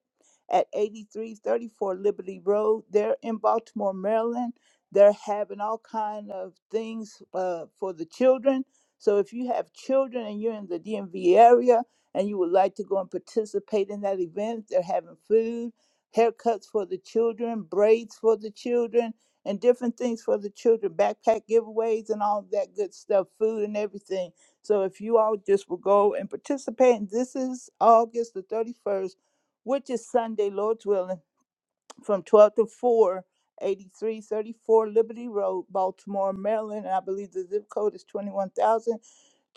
[SPEAKER 11] at 8334 Liberty Road. They're in Baltimore, Maryland. They're having all kind of things uh, for the children. So if you have children and you're in the DMV area, and you would like to go and participate in that event, they're having food, haircuts for the children, braids for the children, and different things for the children, backpack giveaways and all that good stuff, food and everything. So if you all just will go and participate, and this is August the 31st, which is Sunday, Lord's willing, from 12 to four, eighty-three thirty-four Liberty Road, Baltimore, Maryland. And I believe the zip code is 21,000.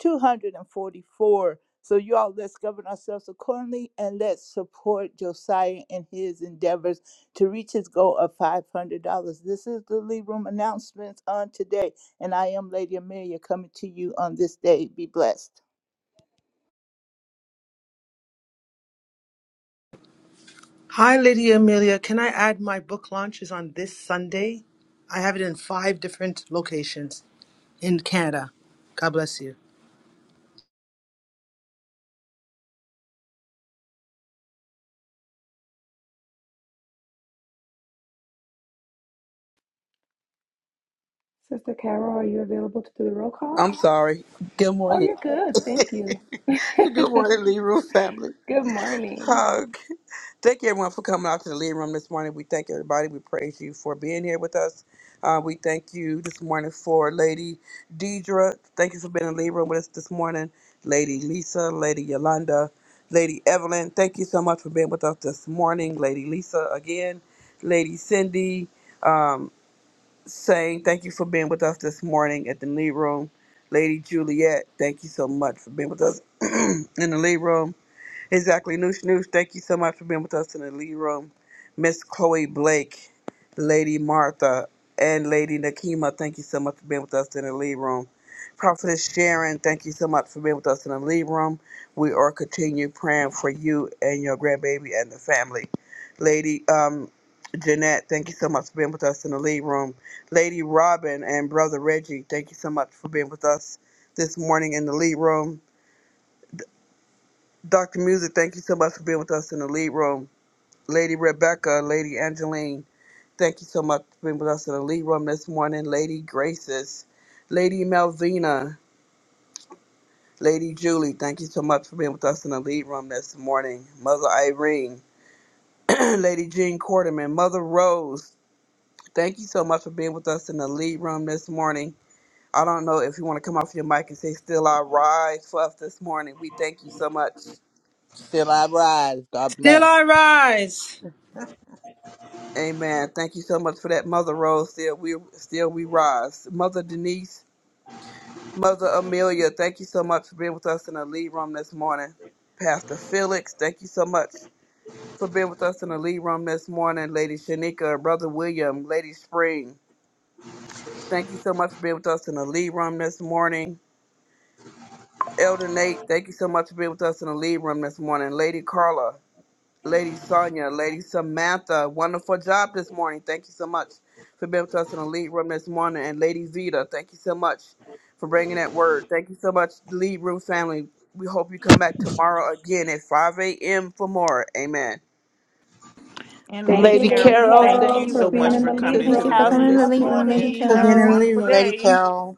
[SPEAKER 11] 244. So, you all, let's govern ourselves accordingly and let's support Josiah in his endeavors to reach his goal of $500. This is the Lee Room announcements on today. And I am Lady Amelia coming to you on this day. Be blessed.
[SPEAKER 5] Hi, Lydia Amelia. Can I add my book launch is on this Sunday? I have it in five different locations in Canada. God bless you.
[SPEAKER 3] Sister Carol, are you available to do the roll call?
[SPEAKER 6] I'm sorry. Good
[SPEAKER 3] Oh,
[SPEAKER 6] morning.
[SPEAKER 3] you're good. Thank you. good
[SPEAKER 6] Good morning, Leroy family.
[SPEAKER 3] morning.
[SPEAKER 6] hug. Thank you, everyone, for coming out to the lead room this morning. We thank everybody. We praise you for being here with us. Uh, we thank you this morning for Lady Deidre. Thank you for being in the lead room with us this morning. Lady Lisa, Lady Yolanda, Lady Evelyn. Thank you so much for being with us this morning. Lady Lisa again. Lady Cindy um, saying thank you for being with us this morning at the lead room. Lady Juliet, thank you so much for being with us in the lead room. Exactly. Noosh Noosh, thank you so much for being with us in the lead room. Miss Chloe Blake, Lady Martha, and Lady Nakima, thank you so much for being with us in the lead room. Prophetess Sharon, thank you so much for being with us in the lead room. We are continuing praying for you and your grandbaby and the family. Lady um, Jeanette, thank you so much for being with us in the lead room. Lady Robin and Brother Reggie, thank you so much for being with us this morning in the lead room. Dr. Music, thank you so much for being with us in the lead room. Lady Rebecca, Lady Angeline, thank you so much for being with us in the lead room this morning. Lady Graces, Lady Melvina, Lady Julie, thank you so much for being with us in the lead room this morning. Mother Irene, Lady Jean Quarterman, Mother Rose, thank you so much for being with us in the lead room this morning. I don't know if you want to come off your mic and say, Still I rise for us this morning. We thank you so much.
[SPEAKER 16] Still I rise. God
[SPEAKER 5] Still
[SPEAKER 16] bless.
[SPEAKER 5] I rise.
[SPEAKER 6] Amen. Thank you so much for that, Mother Rose. Still we still we rise. Mother Denise, Mother Amelia, thank you so much for being with us in the lead room this morning. Pastor Felix, thank you so much for being with us in the lead room this morning. Lady Shanika, Brother William, Lady Spring, thank you so much for being with us in the lead room this morning. Elder Nate, thank you so much for being with us in the lead room this morning. Lady Carla, Lady Sonia, Lady Samantha. Wonderful job this morning. Thank you so much for being with us in the lead room this morning. And Lady Vita, thank you so much for bringing that word. Thank you so much, lead room family. We hope you come back tomorrow again at 5 a.m. for more. Amen.
[SPEAKER 9] And Lady
[SPEAKER 3] Thank you,
[SPEAKER 11] Lady
[SPEAKER 9] Carol,
[SPEAKER 3] Lady
[SPEAKER 9] we
[SPEAKER 11] Carol,
[SPEAKER 9] thank
[SPEAKER 11] thank
[SPEAKER 9] you
[SPEAKER 3] Carol,
[SPEAKER 11] you
[SPEAKER 3] for
[SPEAKER 9] so
[SPEAKER 11] for
[SPEAKER 3] being
[SPEAKER 9] much
[SPEAKER 3] in
[SPEAKER 9] for
[SPEAKER 11] coming
[SPEAKER 3] the
[SPEAKER 9] coming
[SPEAKER 3] lead
[SPEAKER 11] into
[SPEAKER 7] Thank
[SPEAKER 9] into
[SPEAKER 11] this
[SPEAKER 7] you
[SPEAKER 9] the
[SPEAKER 7] for
[SPEAKER 3] room.
[SPEAKER 11] house
[SPEAKER 9] room
[SPEAKER 3] We
[SPEAKER 7] coming to the
[SPEAKER 9] this
[SPEAKER 3] love
[SPEAKER 11] this
[SPEAKER 7] lead room,
[SPEAKER 11] morning.
[SPEAKER 7] Lady
[SPEAKER 3] you.
[SPEAKER 9] morning.
[SPEAKER 4] So,
[SPEAKER 9] Have
[SPEAKER 4] being
[SPEAKER 9] a
[SPEAKER 4] in the
[SPEAKER 7] Carol.
[SPEAKER 4] living
[SPEAKER 9] wonderful
[SPEAKER 4] room, Lady
[SPEAKER 9] day.
[SPEAKER 4] Cal.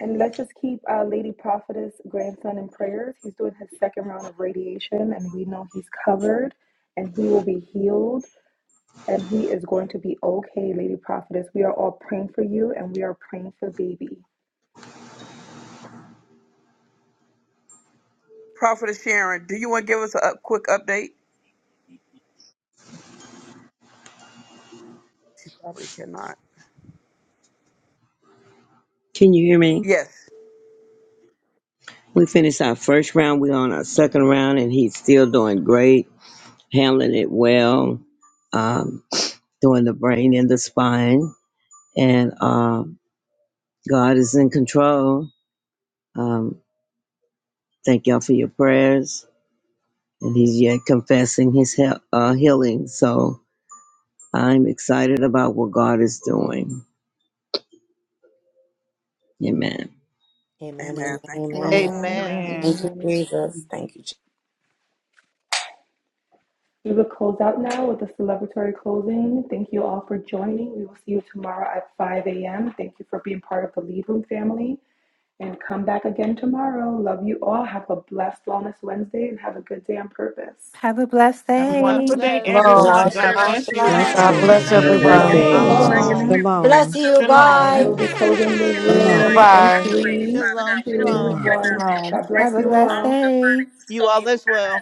[SPEAKER 3] And let's just keep our Lady Prophetess grandson in prayers. He's doing his second round of radiation, and we know he's covered and he will be healed and he is going to be okay, Lady Prophetess. We are all praying for you and we are praying for baby.
[SPEAKER 6] Prophetess Sharon, do you want to give us a up- quick update? You probably cannot.
[SPEAKER 17] Can you hear me?
[SPEAKER 6] Yes.
[SPEAKER 17] We finished our first round. We're on our second round, and he's still doing great, handling it well, um, doing the brain and the spine. And um, God is in control. Um, thank y'all for your prayers. And he's yet confessing his he- uh, healing. So I'm excited about what God is doing. Amen.
[SPEAKER 4] Amen, amen,
[SPEAKER 6] Amen. Thank you, Prophet
[SPEAKER 4] amen.
[SPEAKER 6] Sharon.
[SPEAKER 3] Amen.
[SPEAKER 11] Amen.
[SPEAKER 9] Amen.
[SPEAKER 4] Thank you,
[SPEAKER 3] Amen.
[SPEAKER 4] Jesus. Thank you, Jesus.
[SPEAKER 3] We will close out now with a celebratory closing. Thank you all for joining. We will see you tomorrow at 5 a.m. Thank you for being part of the Lead Room family. And come back again tomorrow. Love you all. Have a blessed Wellness Wednesday and have a good day on purpose.
[SPEAKER 7] Have a blessed
[SPEAKER 9] Have a
[SPEAKER 11] God
[SPEAKER 9] wonderful
[SPEAKER 7] day.
[SPEAKER 9] day,
[SPEAKER 11] bless.
[SPEAKER 18] Hello.
[SPEAKER 4] Shalom,
[SPEAKER 9] everyone. God
[SPEAKER 4] shalom,
[SPEAKER 11] Shalom,
[SPEAKER 9] bless you.
[SPEAKER 4] shalom.
[SPEAKER 11] shalom.
[SPEAKER 18] God
[SPEAKER 9] Go and
[SPEAKER 2] Have
[SPEAKER 10] Blessing.
[SPEAKER 2] a
[SPEAKER 18] bless
[SPEAKER 17] Have
[SPEAKER 2] blessed
[SPEAKER 17] a
[SPEAKER 9] safe.
[SPEAKER 2] day.
[SPEAKER 9] Be
[SPEAKER 11] Love
[SPEAKER 17] blessed day,
[SPEAKER 18] everyone.
[SPEAKER 11] you
[SPEAKER 2] Shalom,
[SPEAKER 3] Shalom,
[SPEAKER 9] safe.
[SPEAKER 4] Shalom,
[SPEAKER 2] shalom,
[SPEAKER 17] everyone.
[SPEAKER 11] all.
[SPEAKER 4] shalom.
[SPEAKER 2] everybody.
[SPEAKER 3] shalom.
[SPEAKER 19] Bless
[SPEAKER 10] Shalom.
[SPEAKER 19] you.
[SPEAKER 2] God bless
[SPEAKER 3] I
[SPEAKER 9] Shalom.
[SPEAKER 19] Bye.
[SPEAKER 2] you
[SPEAKER 3] will be
[SPEAKER 2] all.
[SPEAKER 3] closing the
[SPEAKER 10] Shalom.
[SPEAKER 18] Bye
[SPEAKER 3] room in
[SPEAKER 18] bye.
[SPEAKER 3] three,
[SPEAKER 11] Shalom,
[SPEAKER 3] two,
[SPEAKER 10] Shalom.
[SPEAKER 11] shalom.
[SPEAKER 3] one.
[SPEAKER 9] Shalom.
[SPEAKER 3] God bless
[SPEAKER 7] Have a
[SPEAKER 3] you
[SPEAKER 7] blessed
[SPEAKER 3] all.
[SPEAKER 7] day.
[SPEAKER 11] You all as well.